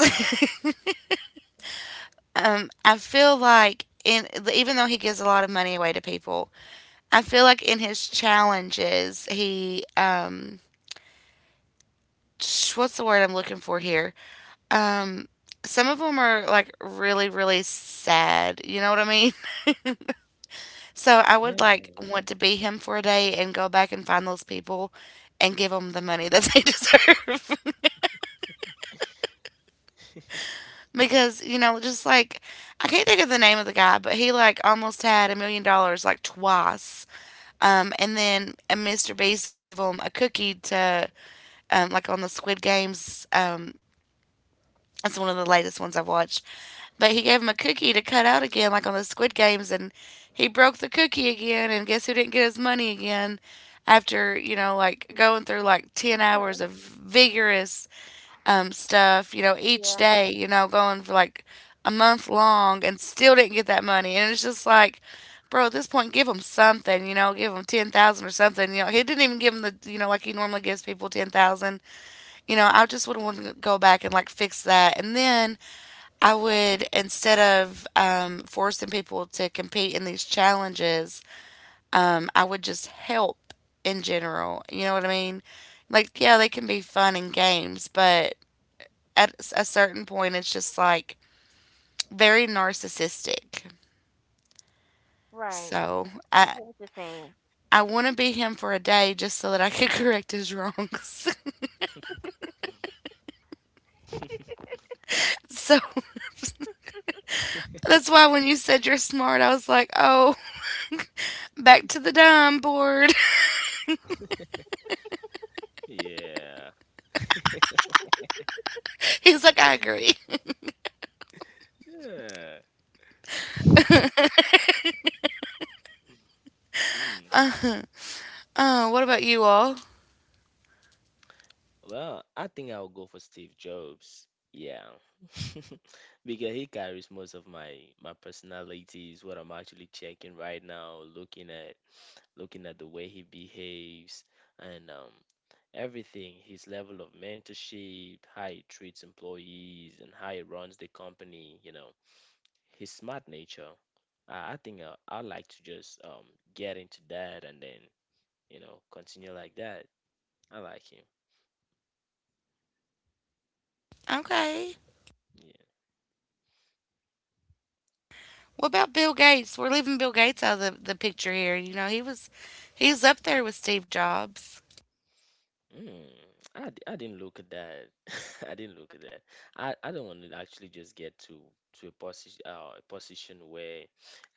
Speaker 1: I feel like in even though he gives a lot of money away to people, I feel like in his challenges what's the word I'm looking for here? Um, some of them are like really sad. You know what I mean? So I
Speaker 3: Yeah.
Speaker 1: would like want to be him for a day and go back and find those people and give them the money that they deserve. Because, you know, just like I can't think of the name of the guy, but he like almost had $1 million like twice. And then Mr. Beast gave him a cookie to like on the Squid Games. That's one of the latest ones I've watched. But he gave him a cookie to cut out again, like on the Squid Games, and he broke the cookie again. And guess who didn't get his money again? After you know, like going through like 10 hours of vigorous stuff, you know, each
Speaker 2: yeah,
Speaker 1: day, you know, going for like a month long, and still didn't get that money. And it's just like, bro, at this point, give him something, you know, give him 10,000 or something. You know, he didn't even give him the, you know, like he normally gives people 10,000. You know, I just would want to go back and like fix that, and then I would, instead of forcing people to compete in these challenges, I would just help in general. You know what I mean? Like, yeah, they can be fun and games, but at a certain point, it's just like very narcissistic.
Speaker 2: right.
Speaker 1: So
Speaker 2: I
Speaker 1: I
Speaker 2: get what you're saying.
Speaker 1: I want to be him for a day just so that I could correct his wrongs. So that's why when you said you're smart, I was like, oh, back to the dime board.
Speaker 3: Yeah.
Speaker 1: He's like, I agree.
Speaker 3: Yeah. Mm.
Speaker 1: What about you all?
Speaker 3: Well, I think I'll go for Steve Jobs. Yeah. Because he carries most of my my personalities, what I'm actually checking right now, looking at, looking at the way he behaves and everything, his level of mentorship, how he treats employees, and how he runs the company, you know, his smart nature. I'd like to just get into that and then, you know, continue like that. I like him.
Speaker 1: Okay.
Speaker 3: Yeah.
Speaker 1: What about Bill Gates? We're leaving Bill Gates out of the picture here. You know, he's up there with Steve Jobs.
Speaker 3: Mm, I didn't look at that. I didn't look at that. I don't want to actually just get to a position where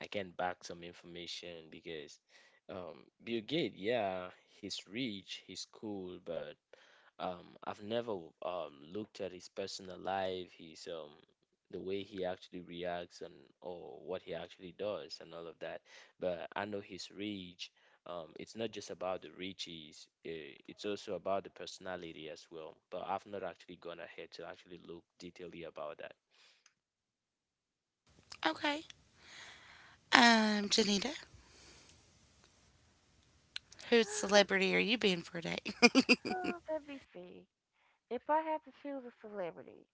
Speaker 3: I can back some information because Bill Gates, yeah, he's rich, he's cool, but I've never looked at his personal life, his the way he actually reacts and or what he actually does and all of that. But I know his reach. It's not just about the riches, eh, it's also about the personality as well. But I've not actually gone ahead to actually look detailedly about that.
Speaker 1: Okay. Janita, whose celebrity are you being for a day?
Speaker 2: Oh, let me see. If I had to choose a celebrity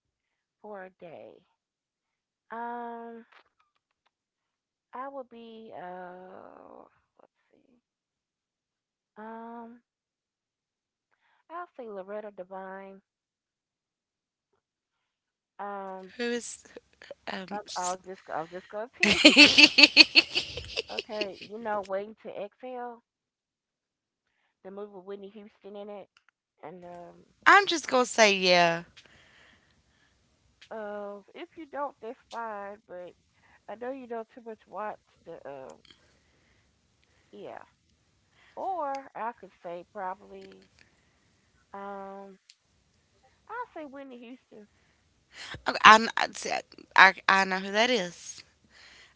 Speaker 2: for a day, um, I would be let's see. Um I'll say Loretta Devine. Um
Speaker 1: Who is um
Speaker 2: I'll
Speaker 1: s-
Speaker 2: just I am just gonna tell you. Okay, Waiting to Exhale, the movie with Whitney Houston in it. And
Speaker 1: I'm just gonna say yeah.
Speaker 2: if you don't that's fine, but I know you don't too much watch the yeah. Or I could say probably um I'll say Whitney Houston.
Speaker 1: Okay, I see, I know who that is.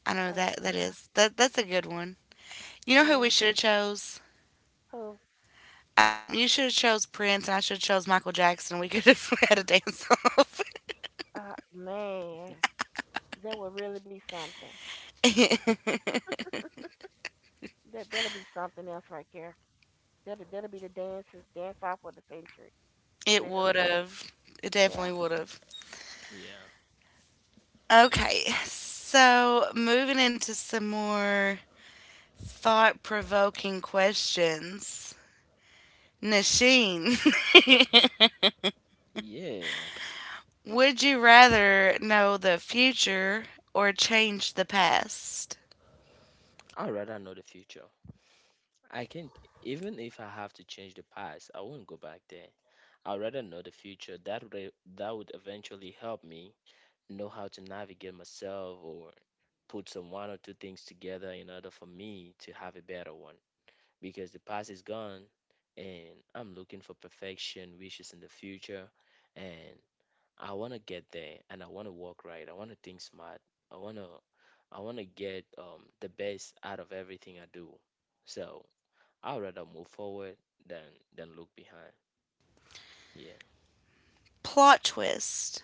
Speaker 1: I know
Speaker 2: Uh,
Speaker 1: that that is that that's a good one. You know who
Speaker 2: yeah,
Speaker 1: we should have chose?
Speaker 2: who
Speaker 1: You should have chose Prince, and I should have chose Michael Jackson. We could have had a dance off.
Speaker 2: man, that would really be something. That'll be something else right there. That'll be the dance off of the century,
Speaker 1: It would
Speaker 2: literally.
Speaker 1: have. It
Speaker 2: Yeah,
Speaker 1: definitely would have.
Speaker 3: Yeah.
Speaker 1: Okay, so moving into some more thought provoking questions. Nasheen,
Speaker 3: Yeah,
Speaker 1: would you rather know the future or change the past?
Speaker 3: I'd rather know the future. I can't, even if I have to change the past, I won't go back there. I'd rather know the future. That would, eh, that would eventually help me know how to navigate myself or put some one or two things together in order for me to have a better one. Because the past is gone and I'm looking for perfection, wishes in the future. And I want to get there and I want to work right. I want to think smart. I want to I want to get the best out of everything I do. So I'd rather move forward than than look behind. Yeah.
Speaker 1: Plot twist.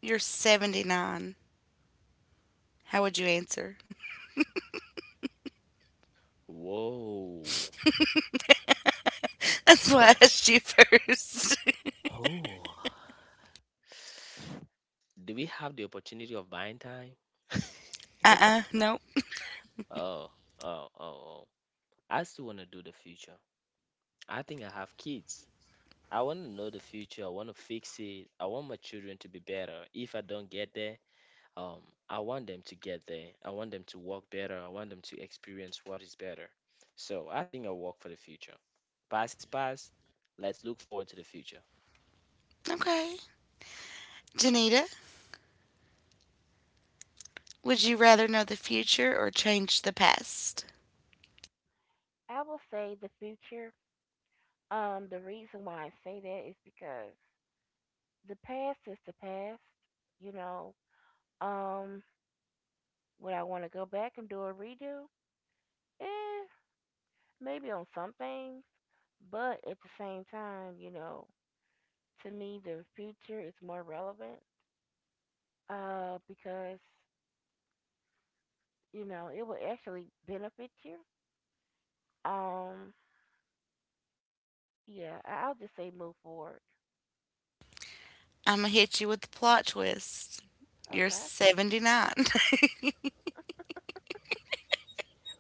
Speaker 1: You're 79. How would you answer?
Speaker 3: Whoa.
Speaker 1: That's why I asked you first.
Speaker 3: Huh. Oh. Do we have the opportunity of buying time?
Speaker 1: Nope.
Speaker 3: Oh, oh, oh, oh. I still want to do the future. I think I have kids. I want to know the future. I want to fix it. I want my children to be better. If I don't get there, um, I want them to get there. I want them to work better. I want them to experience what is better. So I think I'll work for the future. Past is past. Let's look forward to the future.
Speaker 1: Okay. Janita, would you rather know the future or change the past?
Speaker 2: I will say the future. The reason why I say that is because the past is the past. You know, um, would I want to go back and do a redo? Eh, maybe on some things, but at the same time, to me the future is more relevant. Because it will actually benefit you. Um, Yeah, I'll just say move forward.
Speaker 1: I'm gonna hit you with the plot twist. You're
Speaker 2: Okay.
Speaker 1: 79.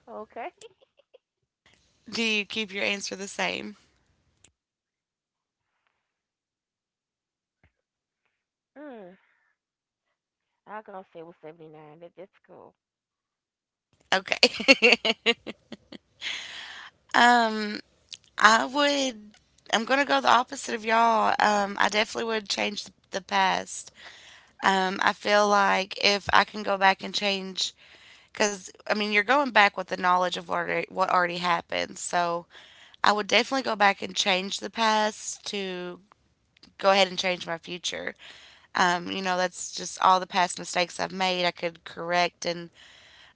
Speaker 2: Okay.
Speaker 1: Do you keep your answer the same?
Speaker 2: Mm. I'll go say with 79. That's cool.
Speaker 1: Okay. um, I would. I'm gonna go the opposite of y'all. I definitely would change the past. I feel like if I can go back and change, because I mean, you're going back with the knowledge of what already happened. So I would definitely go back and change the past to go ahead and change my future. You know, that's just all the past mistakes I've made I could correct. And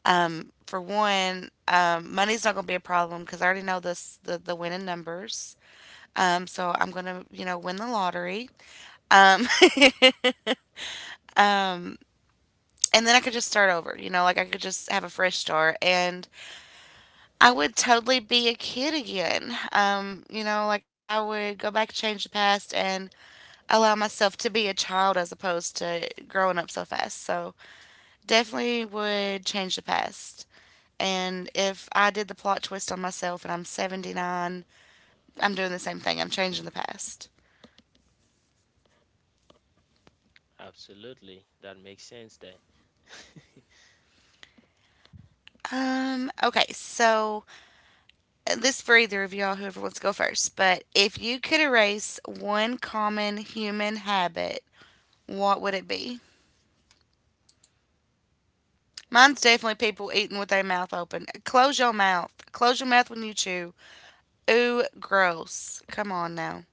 Speaker 1: for one, money's not going to be a problem because I already know this the winning numbers. So I'm gonna you know win the lottery. Um, um, and then I could just start over. You know, like I could just have a fresh start, and I would totally be a kid again. You know, like I would go back, change the past, and allow myself to be a child as opposed to growing up so fast. So definitely would change the past. And if I did the plot twist on myself and I'm 79, I'm doing the same thing. I'm changing the past.
Speaker 3: Absolutely. That makes sense there.
Speaker 1: Okay, so this for either of y'all, whoever wants to go first. But if you could erase one common human habit, what would it be? Mine's definitely people eating with their mouth open. Close your mouth. Close your mouth when you chew. Ooh, gross. Come on now.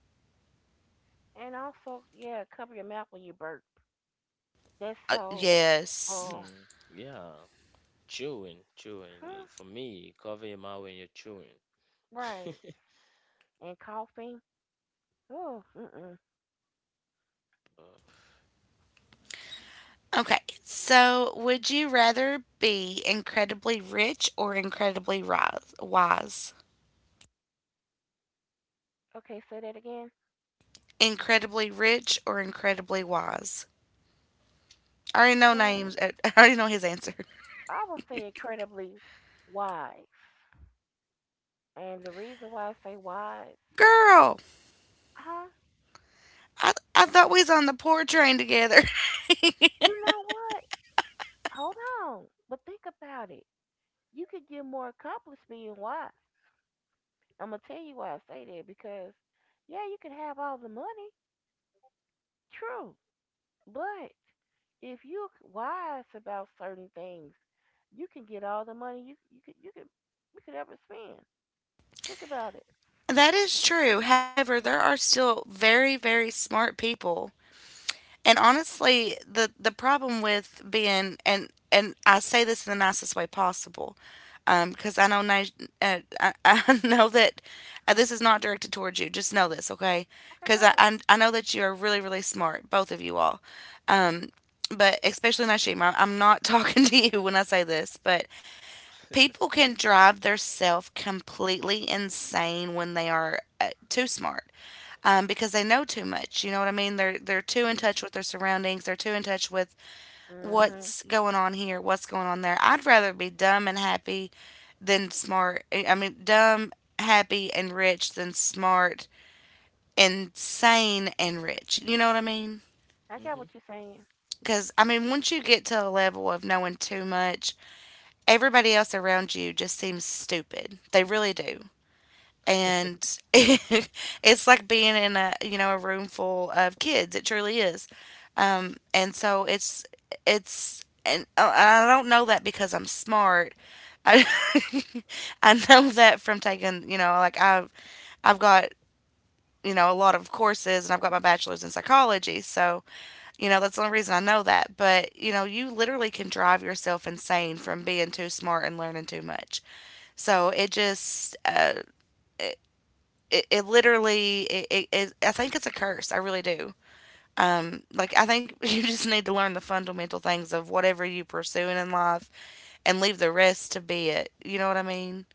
Speaker 2: And also, yeah, cover your mouth when you burp. That's so,
Speaker 1: Yes.
Speaker 2: oh,
Speaker 3: Hmm. Yeah. Chewing, chewing.
Speaker 2: huh?
Speaker 3: Y- For me, cover your mouth when you're chewing.
Speaker 2: Right.
Speaker 3: Hmm.
Speaker 2: And coughing. Oh, mm-mm.
Speaker 1: Okay, so would you rather be incredibly rich or incredibly rise, wise?
Speaker 2: Okay, say that again.
Speaker 1: Incredibly rich or incredibly wise? I already know
Speaker 2: Well,
Speaker 1: names. I already know his answer.
Speaker 2: I will say incredibly wise. And the reason why I say wise,
Speaker 1: Girl,
Speaker 2: huh?
Speaker 1: I thought we was on the poor train together.
Speaker 2: You know what? Hold on. But think about it. You could get more accomplished being wise. I'm gonna tell you why I say that because, yeah, you can have all the money, true, but if you're wise about certain things, you can get all the money you could ever spend. Think about it.
Speaker 1: That is true. However, there are still very smart people. And honestly, the problem with being and I say this in the nicest way possible, because I know that this is not directed towards you. Just know this, okay?
Speaker 2: Okay, go
Speaker 1: Because
Speaker 2: ahead.
Speaker 1: I know that you are really smart, both of you all. But especially Nashim, I'm not talking to you when I say this, but people can drive theirself completely insane when they are too smart because they know too much. You know what I mean? They're too in touch with their surroundings. They're too in touch with
Speaker 2: Mhm.
Speaker 1: what's going on here, what's going on there. I'd rather be dumb and happy than smart. I mean, dumb, happy, and rich than smart, insane, and rich. You know what I mean?
Speaker 2: I got
Speaker 3: Hmm.
Speaker 2: what you're saying.
Speaker 1: Because I mean, once you get to a level of knowing too much, everybody else around you just seems stupid. They really do. And it's like being in a you know a room full of kids, it truly is. And so it's and I don't know that because I'm smart. I I know that from taking you know like I've got you know a lot of courses and I've got my bachelor's in psychology. So you know that's the only reason I know that, but you know you literally can drive yourself insane from being too smart and learning too much. So it just it, it literally it, I think it's a curse. I really do. Um, like I think you just need to learn the fundamental things of whatever you pursuing in life and leave the rest to be it. You know what I mean?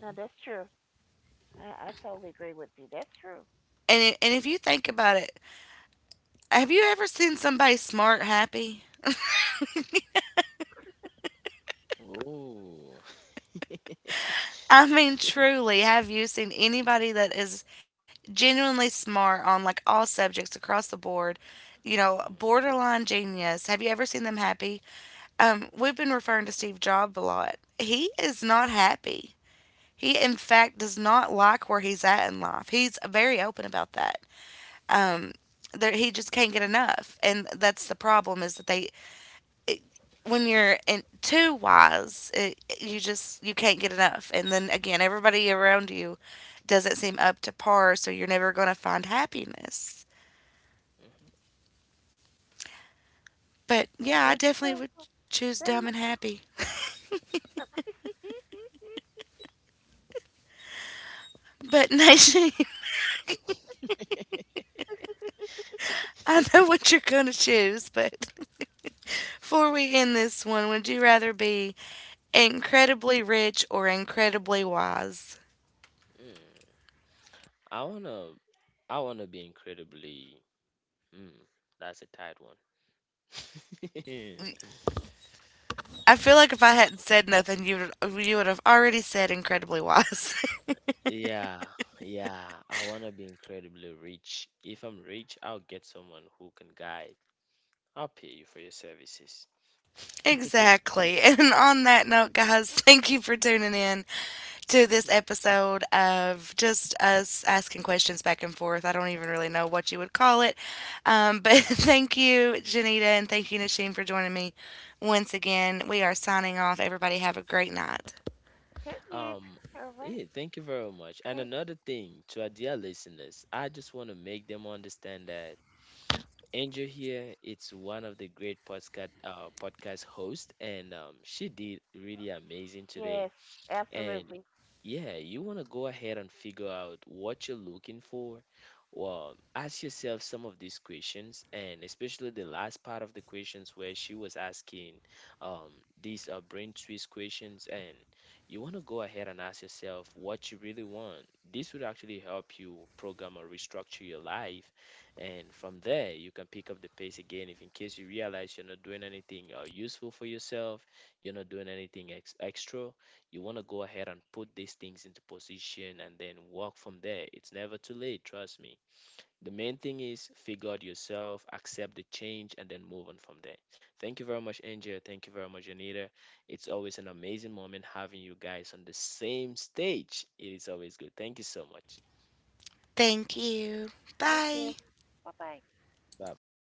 Speaker 2: No, that's true. I totally agree with you. That's true.
Speaker 1: And if you think about it, have you ever seen somebody smart happy?
Speaker 3: Oh.
Speaker 1: I mean, truly, have you seen anybody that is genuinely smart on like all subjects across the board? You know,
Speaker 3: Mm,
Speaker 1: borderline genius. Have you ever seen them happy? We've been referring to Steve Jobs a lot. He is not happy. He, in fact, does not like where he's at in life. He's very open about that. Um, there, he just can't get enough, and that's the problem. Is that it, when you're too wise, you just you can't get enough, and then again, everybody around you doesn't seem up to par, so you're never going to find happiness.
Speaker 3: mhm,
Speaker 1: But
Speaker 2: Well,
Speaker 1: yeah, I
Speaker 2: that's
Speaker 1: definitely
Speaker 2: true.
Speaker 1: would choose
Speaker 2: That ma-
Speaker 1: dumb and happy. But Nation, I know what you're going to choose, but before we end this one, would you rather be
Speaker 3: mm,
Speaker 1: incredibly rich or incredibly wise?
Speaker 3: mm. I wanna, I wanna be incredibly. Mm, that's a tight one.
Speaker 1: I feel like if I
Speaker 3: Uh,
Speaker 1: hadn't said nothing, you would have already said incredibly wise.
Speaker 3: yeah, yeah. I want to be incredibly rich. If I'm rich, I'll get someone who can guide. I'll pay you for your services.
Speaker 1: Exactly. And on that note, guys, thank you for tuning in to this
Speaker 3: Hmm.
Speaker 1: episode of just us asking questions back and forth. I don't even really know what you would call it. But thank you, Janita, and thank you, Nashim, for joining me once again. We are signing off. Everybody have a great night.
Speaker 2: Cook it.
Speaker 3: Um,
Speaker 2: All right.
Speaker 3: yeah, thank you very much. And
Speaker 2: Thank.
Speaker 3: another thing to our dear listeners, I just want to make them understand that Angel here, it's one of the great podcast hosts, and she did really amazing today.
Speaker 2: Yes,
Speaker 3: And
Speaker 2: absolutely.
Speaker 3: yeah, you want to go ahead and figure out what you're looking for. Well, ask yourself some of these questions, and especially the last part of the questions where she was asking um, these brain twist questions. And you want to go ahead and ask yourself what you really want. This would actually help you program or restructure your life. And from there, you can pick up the pace again if, in case you realize you're not doing anything useful for yourself, you're not doing anything extra. You want to go ahead and put these things into position and then work from there. It's never too late, trust me. The main thing is figure out yourself, accept the change, and then move on from there. Thank you very much, Angel. Thank you very much, Anita. It's always an amazing moment having you guys on the same stage. It is always good. Thank you so much.
Speaker 1: Thank you.
Speaker 2: Thank you.
Speaker 1: Bye.
Speaker 2: Bye bye.
Speaker 3: Bye bye.